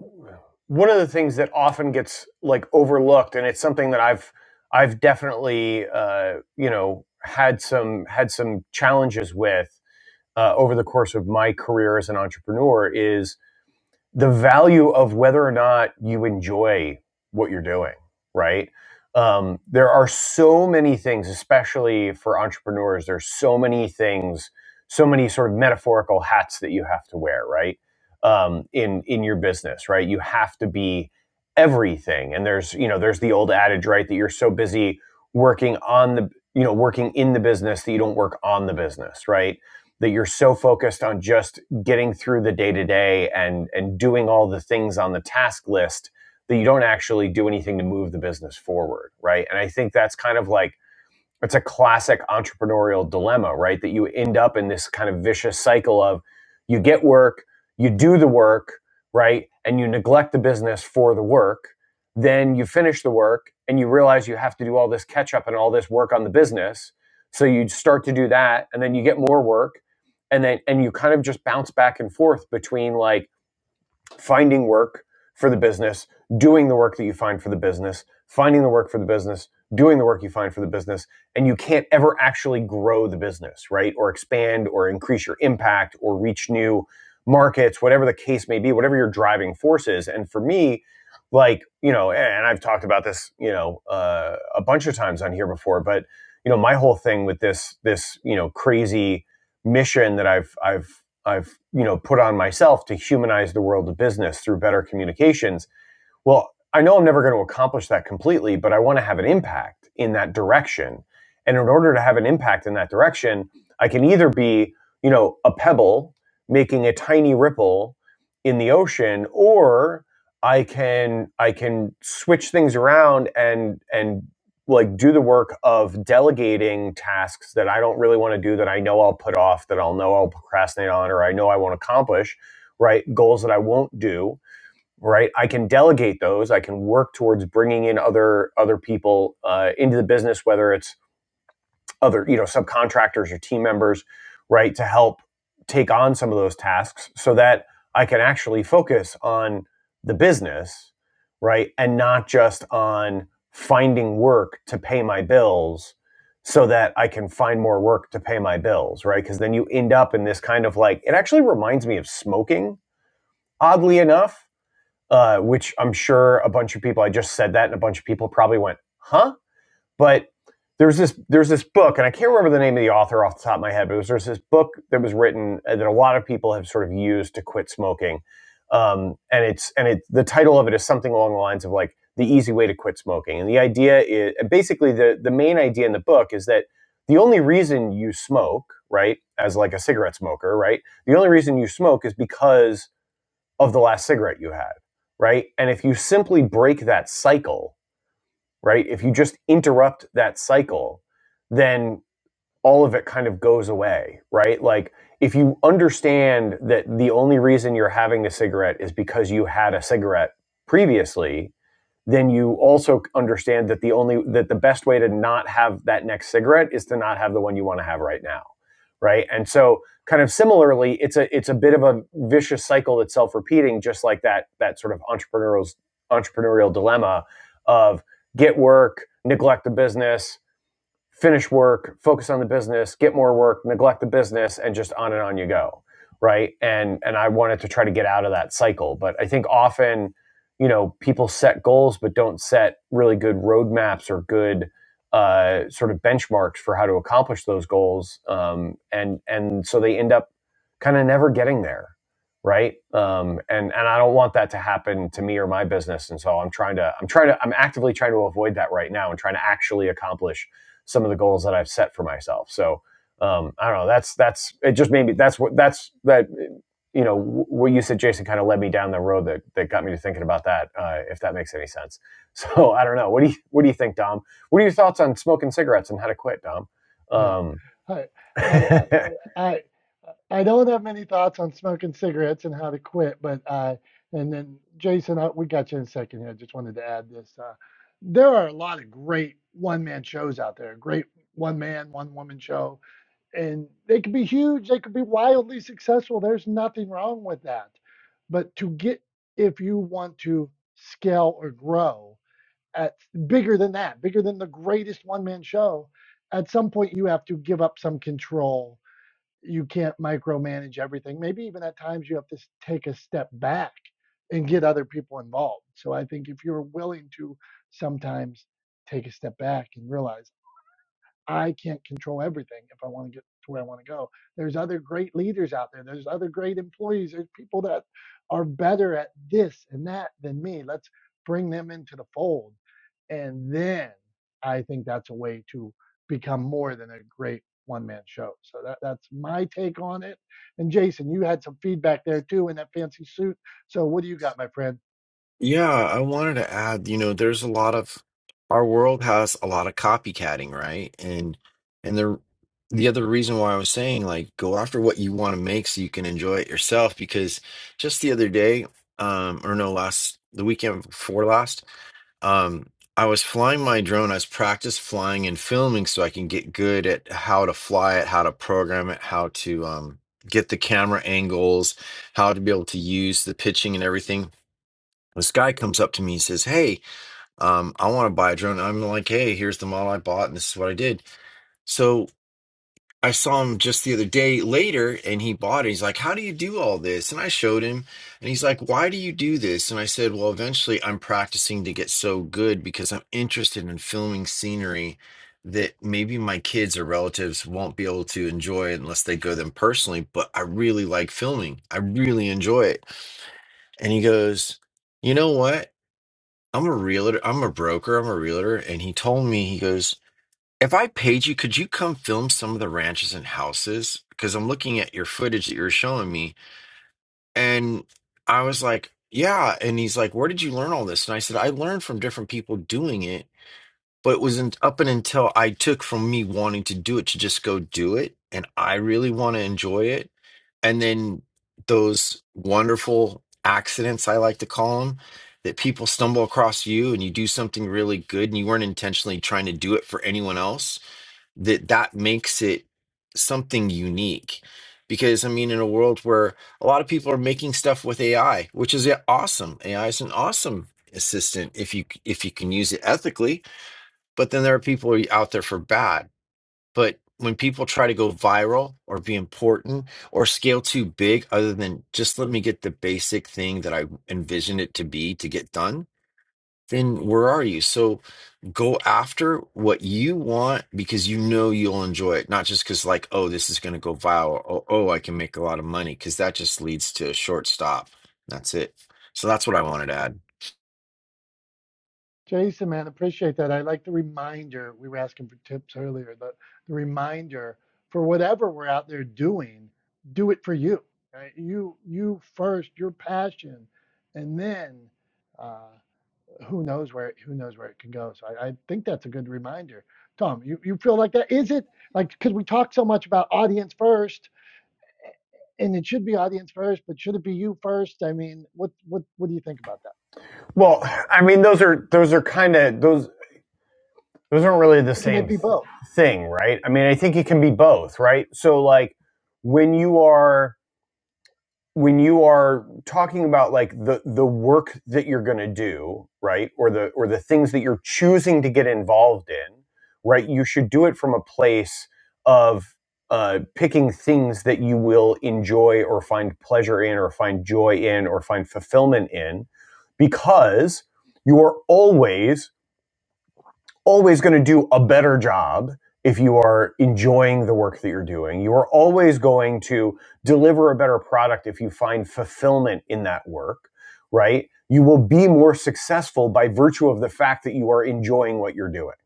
Speaker 2: one of the things that often gets like overlooked, and it's something that I've I've definitely uh, you know had some had some challenges with uh, over the course of my career as an entrepreneur is the value of whether or not you enjoy what you're doing, right? Um, there are so many things, especially for entrepreneurs, there's so many things, so many sort of metaphorical hats that you have to wear, right? Um, in in your business, right? You have to be everything. And there's, you know, there's the old adage, right, that you're so busy working on the, you know, working in the business that you don't work on the business, right? That you're so focused on just getting through the day to day and and doing all the things on the task list that you don't actually do anything to move the business forward, right? And I think that's kind of like it's a classic entrepreneurial dilemma, right? That you end up in this kind of vicious cycle of you get work, you do the work, right? And you neglect the business for the work. Then you finish the work and you realize you have to do all this catch up and all this work on the business. So you start to do that and then you get more work and then and you kind of just bounce back and forth between like finding work for the business, doing the work that you find for the business, finding the work for the business, doing the work you find for the business, and you can't ever actually grow the business, right? Or expand or increase your impact or reach new markets, whatever the case may be, whatever your driving force is. And for me, like, you know, and I've talked about this, you know, uh, a bunch of times on here before, but you know, my whole thing with this this, you know, crazy mission that I've I've I've you know put on myself to humanize the world of business through better communications well, I know I'm never going to accomplish that completely, but I want to have an impact in that direction. And in order to have an impact in that direction, I can either be, you know, a pebble making a tiny ripple in the ocean or I can I can switch things around and and like do the work of delegating tasks that I don't really want to do that I know I'll put off that I'll know I'll procrastinate on or I know I won't accomplish, right? Goals that I won't do right i can delegate those i can work towards bringing in other other people uh, into the business whether it's other you know subcontractors or team members right to help take on some of those tasks so that i can actually focus on the business right and not just on finding work to pay my bills so that i can find more work to pay my bills right because then you end up in this kind of like it actually reminds me of smoking oddly enough uh, which I'm sure a bunch of people. I just said that, and a bunch of people probably went, "Huh?" But there's this there's this book, and I can't remember the name of the author off the top of my head, but there's, this book that was written uh, that a lot of people have sort of used to quit smoking, um, and it's and it the title of it is something along the lines of like the easy way to quit smoking, and the idea is basically the the main idea in the book is that the only reason you smoke, right, as like a cigarette smoker, right, the only reason you smoke is because of the last cigarette you had, right? And if you simply break that cycle, right? If you just interrupt that cycle, then all of it kind of goes away, right? Like if you understand that the only reason you're having a cigarette is because you had a cigarette previously, then you also understand that the only that the best way to not have that next cigarette is to not have the one you want to have right now right and so kind of similarly it's a it's a bit of a vicious cycle that's self-repeating just like that that sort of entrepreneurial entrepreneurial dilemma of get work neglect the business finish work, focus on the business, get more work, neglect the business, and just on and on you go, right? And and I wanted to try to get out of that cycle, but I think often, you know, people set goals but don't set really good roadmaps or good uh, sort of benchmarks for how to accomplish those goals, um, and and so they end up kind of never getting there, right? Um, and and I don't want that to happen to me or my business, and so I'm trying to I'm trying to I'm actively trying to avoid that right now and trying to actually accomplish some of the goals that I've set for myself. So um, I don't know. That's that's it. Just maybe that's what that's that. You know what you said, Jason, kind of led me down the road that, that got me to thinking about that. Uh, if that makes any sense. *laughs* So I don't know. What do you what do you think, Dom? What are your thoughts on smoking cigarettes and how to quit, Dom?
Speaker 1: Yeah.
Speaker 2: Um,
Speaker 1: I
Speaker 2: *laughs*
Speaker 1: I uh, I I don't have many thoughts on smoking cigarettes and how to quit, but uh and then Jason, I, we got you in a second here. I just wanted to add this. Uh, there are a lot of great one-man shows out there. Great one-man, one-woman show, and they could be huge. They could be wildly successful. There's nothing wrong with that. But to get, if you want to scale or grow, at bigger than that, bigger than the greatest one man show, at some point you have to give up some control. You can't micromanage everything. Maybe even at times you have to take a step back and get other people involved. So I think if you're willing to sometimes take a step back and realize I can't control everything if I want to get to where I want to go. There's other great leaders out there. There's other great employees. There's people that are better at this and that than me. Let's bring them into the fold. And then I think that's a way to become more than a great one man show. So that, that's my take on it. And Jason, you had some feedback there too in that fancy suit. So what do you got, my friend?
Speaker 7: Yeah, I wanted to add, you know, there's a lot of our world has a lot of copycatting, right? And and the the other reason why I was saying like go after what you want to make so you can enjoy it yourself because just the other day, um or no, last the weekend before last, um I was flying my drone. I was practice flying and filming so I can get good at how to fly it, how to program it, how to um get the camera angles, how to be able to use the pitching and everything this guy comes up to me and says, "Hey, um, I want to buy a drone." I'm like, "Hey, here's the model I bought, and this is what I did." So I saw him just the other day later, and he bought it. He's like, "How do you do all this?" And I showed him, and he's like, "Why do you do this?" And I said, "Well, eventually, I'm practicing to get so good because I'm interested in filming scenery that maybe my kids or relatives won't be able to enjoy unless they go them personally. But I really like filming. I really enjoy it." And he goes, "You know what?" I'm a realtor. I'm a broker. I'm a realtor. And he told me, he goes, if I paid you, could you come film some of the ranches and houses? Because I'm looking at your footage that you are showing me. And I was like, yeah. And he's like, where did you learn all this? And I said, I learned from different people doing it but it wasn't up and until I took from me wanting to do it to just go do it, and I really want to enjoy it. And then those wonderful accidents, I like to call them, that people stumble across you and you do something really good and you weren't intentionally trying to do it for anyone else, that that makes it something unique. Because I mean, in a world where a lot of people are making stuff with AI, which is awesome. AI is an awesome assistant if you if you can use it ethically but then there are people out there for bad. But when people try to go viral or be important or scale too big, other than just let me get the basic thing that I envision it to be to get done, then where are you? So go after what you want because you know you'll enjoy it, not just because, like, oh, this is going to go viral. Oh, oh, I can make a lot of money because that just leads to a short stop. That's it. So that's what I wanted to add.
Speaker 1: Jason, man, appreciate that. I like the reminder. We were asking for tips earlier. The, the reminder for whatever we're out there doing, do it for you. Right? You you first, your passion, and then uh, who knows where who knows where it can go. So I, I think that's a good reminder. Tom, you, you feel like that? Is it like because we talk so much about audience first, and it should be audience first, but should it be you first? I mean, what what what do you think about that?
Speaker 2: well, I mean, those are those are kind of those those aren't really the
Speaker 1: Can
Speaker 2: same
Speaker 1: it
Speaker 2: th-
Speaker 1: be both?
Speaker 2: thing, right? I mean, I think it can be both, right? So like when you are when you are talking about like the the work that you're going to do right or the or the things that you're choosing to get involved in right you should do it from a place of uh, picking things that you will enjoy or find pleasure in or find joy in or find fulfillment in because you are always always going to do a better job if you are enjoying the work that you're doing. You are always going to deliver a better product if you find fulfillment in that work, right? You will be more successful by virtue of the fact that you are enjoying what you're doing,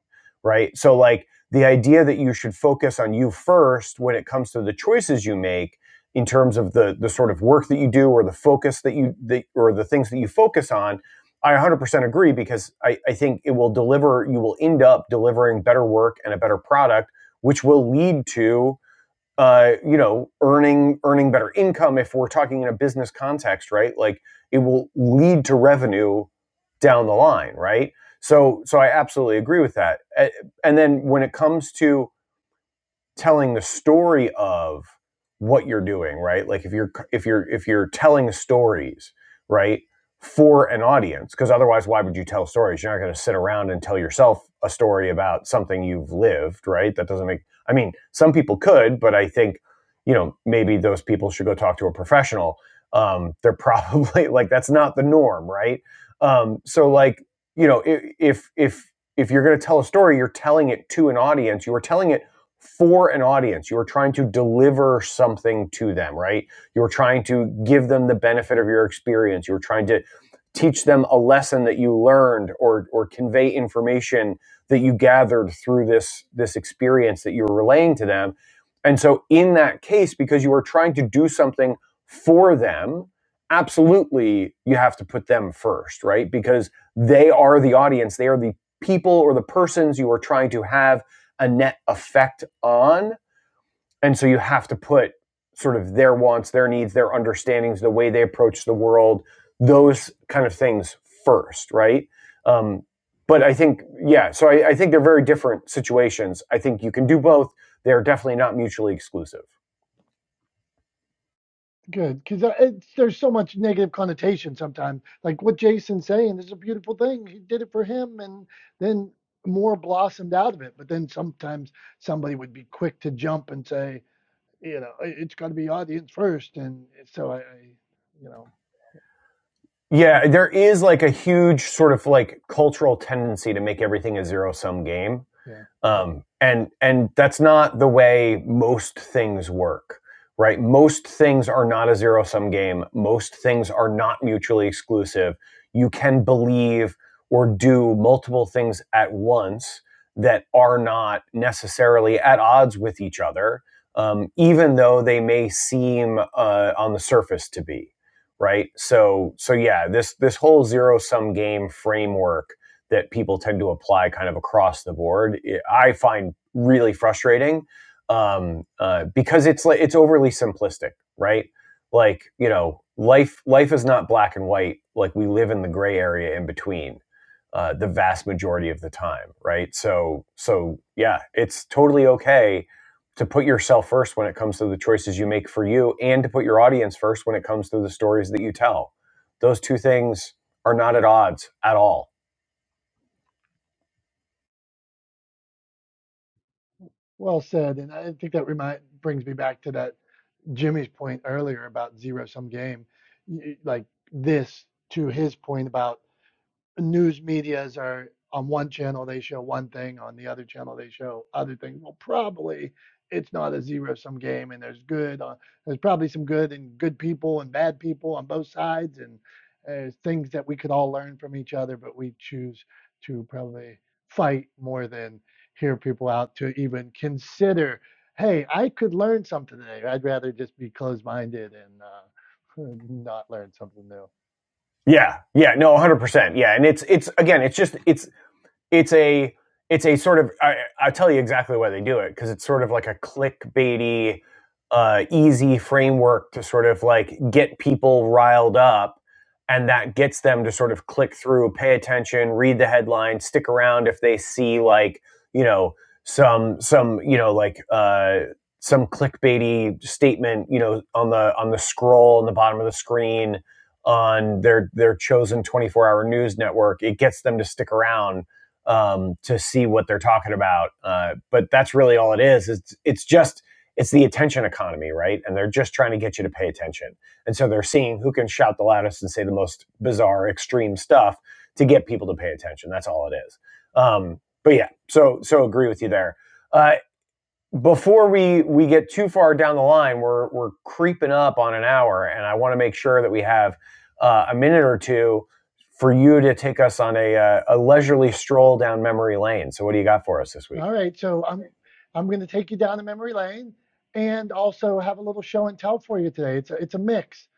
Speaker 2: right? So, like the idea that you should focus on you first when it comes to the choices you make in terms of the the sort of work that you do or the focus that you the, or the things that you focus on I 100% agree because I, I think it will deliver, you will end up delivering better work and a better product, which will lead to, uh, you know, earning, earning better income. If we're talking in a business context, right? Like it will lead to revenue down the line, right? So, so I absolutely agree with that. And then when it comes to telling the story of what you're doing right like if you're if you're if you're telling stories right for an audience because otherwise why would you tell stories you're not going to sit around and tell yourself a story about something you've lived right that doesn't make i mean some people could but i think you know maybe those people should go talk to a professional um they're *laughs* probably like that's not the norm right um so like you know if if if you're going to tell a story you're telling it to an audience you are telling it for an audience. You are trying to deliver something to them, right? You're trying to give them the benefit of your experience. You're trying to teach them a lesson that you learned or or convey information that you gathered through this this experience that you're relaying to them. And so in that case because you are trying to do something for them, absolutely you have to put them first, right? Because they are the audience, they are the people or the persons you are trying to have a net effect on. And so you have to put sort of their wants, their needs, their understandings, the way they approach the world, those kind of things first, right? Um, but I think, yeah, so I, I think they're very different situations. I think you can do both. They're definitely not mutually exclusive.
Speaker 1: Good, because there's so much negative connotation sometimes. Like what Jason's saying is a beautiful thing. He did it for him, and then more blossomed out of it. But then sometimes somebody would be quick to jump and say, you know, "I- it's got to be audience first. And so I, I, you know,
Speaker 2: Yeah, there is like a huge sort of like cultural tendency to make everything a zero sum game
Speaker 1: yeah,
Speaker 2: um, and and that's not the way most things work right most things are not a zero sum game most things are not mutually exclusive you can believe or do multiple things at once that are not necessarily at odds with each other um, even though they may seem uh, on the surface to be right so so yeah this this whole zero sum game framework that people tend to apply kind of across the board. eh, I find really frustrating um, uh, because it's like it's overly simplistic, right? Like you know, life life is not black and white. Like we live in the gray area in between uh, the vast majority of the time, right? So so yeah, it's totally okay to put yourself first when it comes to the choices you make for you, and to put your audience first when it comes to the stories that you tell. Those two things are not at odds at all
Speaker 1: well said. And I think that remind brings me back to that Jimmy's point earlier about zero sum game, Y- y- like this to his point about news medias are on one channel they show one thing, on the other channel they show other things. Well, probably it's not a zero sum game, and there's good on there's probably some good and good people and bad people on both sides, and there's things that we could all learn from each other, but we choose to probably fight more than hear people out to even consider. Hey, I could learn something today. I'd rather just be closed minded and uh, *laughs* not learn something new.
Speaker 2: yeah, yeah, no, one hundred percent. Yeah, and it's it's again, it's just it's it's a it's a sort of I, I'll tell you exactly why they do it because it's sort of like a clickbaity, uh, easy framework to sort of like get people riled up, and that gets them to sort of click through, pay attention, read the headline, stick around if they see like you know some some you know like uh, some clickbaity statement you know on the on the scroll on the bottom of the screen on their their chosen 24 hour news network it gets them to stick around um, to see what they're talking about. Uh, but that's really all it is. It's it's just it's the attention economy, right? And they're just trying to get you to pay attention. And so they're seeing who can shout the loudest and say the most bizarre, extreme stuff to get people to pay attention. That's all it is. Um, but yeah, so so agree with you there. Uh, before we we get too far down the line, we're we're creeping up on an hour, and I want to make sure that we have uh, a minute or two for you to take us on a uh, a leisurely stroll down memory lane. So, what do you got for us this week?
Speaker 1: All right, so I'm I'm going to take you down the memory lane and also have a little show and tell for you today. It's a, it's a mix.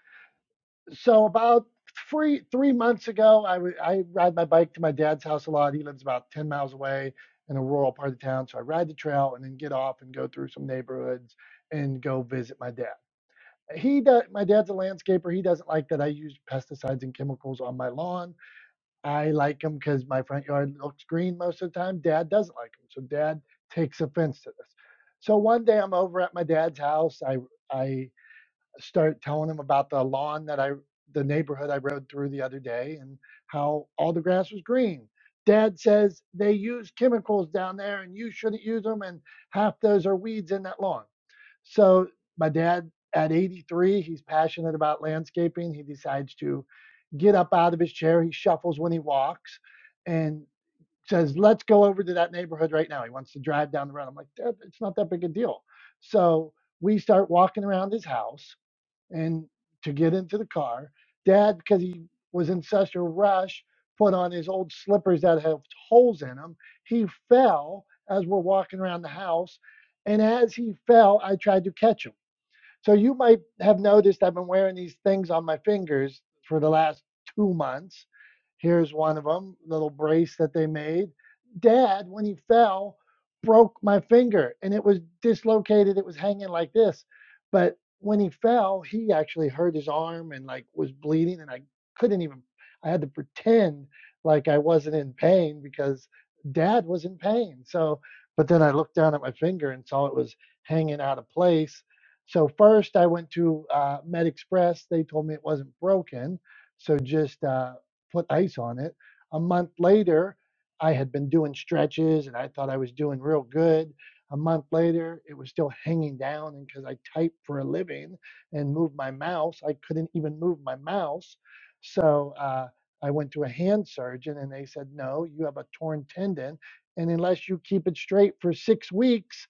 Speaker 1: So about three three months ago, I w- I ride my bike to my dad's house a lot. He lives about ten miles away in a rural part of town, so I ride the trail and then get off and go through some neighborhoods and go visit my dad. He does, my dad's a landscaper. He doesn't like that I use pesticides and chemicals on my lawn I like them because my front yard looks green most of the time. Dad doesn't like them, so Dad takes offense to this. So one day I'm over at my dad's house. I I start telling him about the lawn that I, the neighborhood I rode through the other day and how all the grass was green. Dad says they use chemicals down there and you shouldn't use them. And half those are weeds in that lawn. So my dad at 83, he's passionate about landscaping. He decides to get up out of his chair. He shuffles when he walks and says, Let's go over to that neighborhood right now. He wants to drive down the road. I'm like, Dad, it's not that big a deal. So we start walking around his house and to get into the car. Dad, because he was in such a rush, put on his old slippers that have holes in them. He fell as we're walking around the house, and as he fell, I tried to catch him. So you might have noticed I've been wearing these things on my fingers for the last two months. Here's one of them, little brace that they made. Dad, when he fell, broke my finger and it was dislocated. It was hanging like this. But when he fell, he actually hurt his arm and like was bleeding. And I couldn't even, I had to pretend like I wasn't in pain because dad was in pain. So, but then I looked down at my finger and saw it was hanging out of place so first, I went to uh, Med Express. They told me it wasn't broken, so just uh, put ice on it. A month later, I had been doing stretches, and I thought I was doing real good. A month later, it was still hanging down, and because I type for a living and move my mouse, I couldn't even move my mouse. So uh, I went to a hand surgeon, and they said, "No, you have a torn tendon, and unless you keep it straight for six weeks,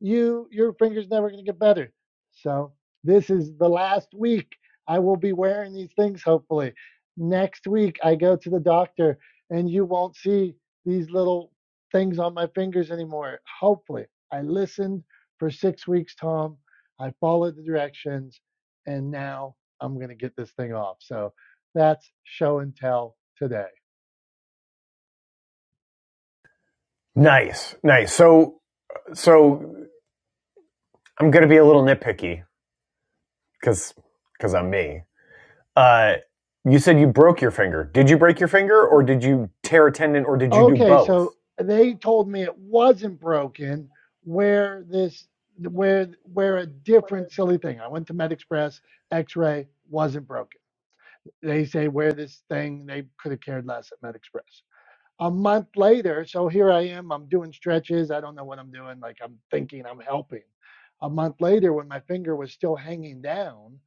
Speaker 1: you your finger's never going to get better." So this is the last week I will be wearing these things, hopefully. Next week I go to the doctor and you won't see these little things on my fingers anymore. Hopefully. I listened for six weeks, Tom. I followed the directions and now I'm going to get this thing off. So that's show and tell today.
Speaker 2: Nice, nice. So, so I'm gonna be a little nitpicky because because I'm me. Uh, you said you broke your finger. Did you break your finger, or did you tear a tendon, or did you do
Speaker 1: Okay, so
Speaker 2: both?
Speaker 1: they told me it wasn't broken where this where where a different silly thing. I went to MedExpress, X-ray wasn't broken. They say where this thing they could have cared less at MedExpress a month later, so here I am, I'm doing stretches. I don't know what I'm doing. Like I'm thinking I'm helping. A month later, when my finger was still hanging down,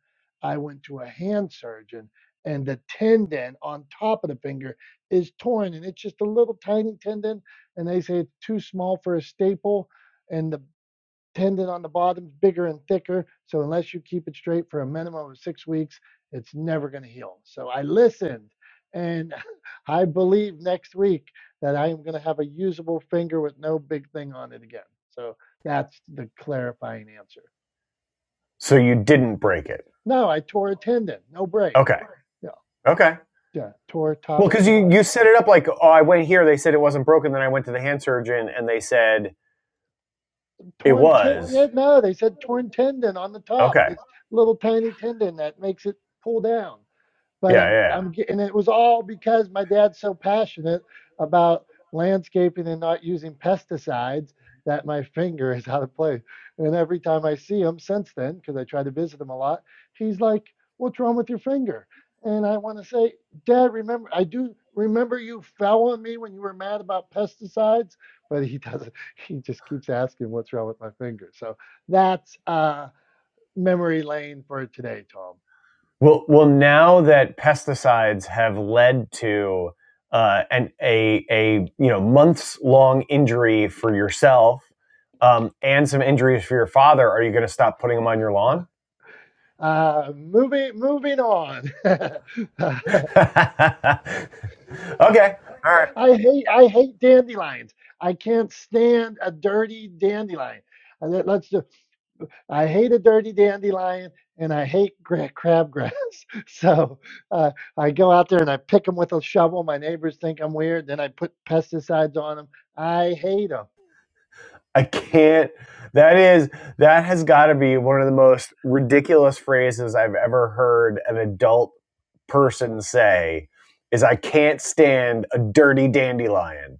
Speaker 1: I went to a hand surgeon and the tendon on top of the finger is torn and it's just a little tiny tendon. And they say it's too small for a staple. And the tendon on the bottom's bigger and thicker. So unless you keep it straight for a minimum of six weeks, it's never going to heal. So I listened, and *laughs* I believe next week that I am going to have a usable finger with no big thing on it again. So that's the clarifying answer.
Speaker 2: So you didn't break it.
Speaker 1: No, I tore a tendon, no break.
Speaker 2: Okay.
Speaker 1: Yeah,
Speaker 2: Okay.
Speaker 1: yeah, tore
Speaker 2: Well,
Speaker 1: top
Speaker 2: because
Speaker 1: tendon.
Speaker 2: you, you set it up like, oh, I went here, they said it wasn't broken, then I went to the hand surgeon and they said it
Speaker 1: Torn ten,
Speaker 2: was.
Speaker 1: yeah, no, they said torn tendon on the top.
Speaker 2: Okay.
Speaker 1: This little tiny tendon that makes it pull down. but
Speaker 2: Yeah, yeah.
Speaker 1: I'm
Speaker 2: yeah.
Speaker 1: I'm ge- and it was all because my dad's so passionate about landscaping and not using pesticides that my finger is out of place. And every time I see him since then, because I try to visit him a lot, he's like, "What's wrong with your finger?" And I want to say, Dad, remember I do remember you fell on me when you were mad about pesticides, but he doesn't. *laughs* He just keeps asking what's wrong with my finger. So that's uh, memory lane for today, Tom.
Speaker 2: Well, well, now that pesticides have led to uh, an a a you know months long injury for yourself um, and some injuries for your father, are you going to stop putting them on your lawn?
Speaker 1: Uh, moving moving on. *laughs* I
Speaker 2: *laughs* okay, all right.
Speaker 1: hate I hate dandelions. I can't stand a dirty dandelion. Uh, let- Let's just, I hate a dirty dandelion and I hate gra- crabgrass. *laughs* So uh, I go out there and I pick them with a shovel. My neighbors think I'm weird. Then I put pesticides on them. I hate 'em.
Speaker 2: I can't. That is that has got to be one of the most ridiculous phrases I've ever heard an adult person say. Is I can't stand a dirty dandelion.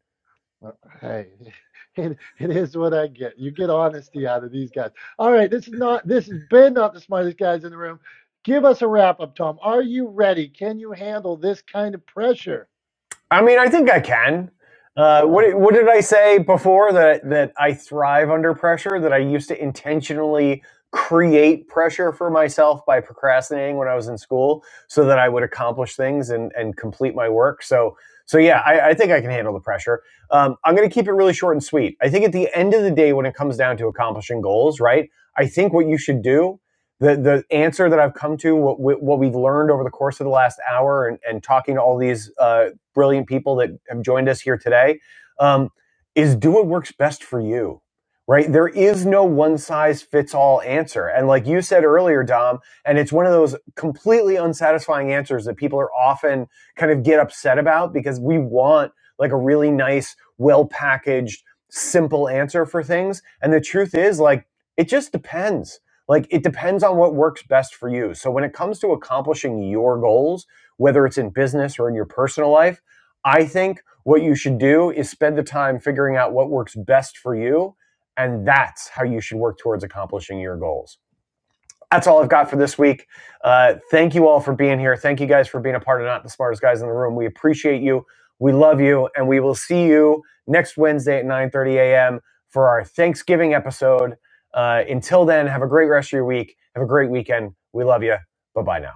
Speaker 1: Uh, Hey, *laughs* it, it is what I get. You get honesty out of these guys. All right, this is not this has been not the smartest guys in the room. Give us a wrap up, Tom. Are you ready? Can you handle this kind of pressure?
Speaker 2: I mean, I think I can. Uh,
Speaker 1: *laughs*
Speaker 2: what what did I say before that that I thrive under pressure? That I used to intentionally create pressure for myself by procrastinating when I was in school, so that I would accomplish things and and complete my work. So so yeah, I, I think I can handle the pressure. Um, I'm going to keep it really short and sweet. I think at the end of the day, when it comes down to accomplishing goals, right? I think what you should do. The, the answer that I've come to, what, what we've learned over the course of the last hour and, and talking to all these uh, brilliant people that have joined us here today um, is do what works best for you right there is no one size fits all answer and like you said earlier dom and it's one of those completely unsatisfying answers that people are often kind of get upset about because we want like a really nice well packaged simple answer for things and the truth is like it just depends like it depends on what works best for you so when it comes to accomplishing your goals whether it's in business or in your personal life I think what you should do is spend the time figuring out what works best for you. And that's how you should work towards accomplishing your goals. That's all I've got for this week. Uh, thank you all for being here. Thank you guys for being a part of Not the Smartest Guys in the Room. We appreciate you. We love you. And we will see you next Wednesday at 9 30 a.m. for our Thanksgiving episode. Uh, until then, have a great rest of your week. Have a great weekend. We love you. Bye bye now.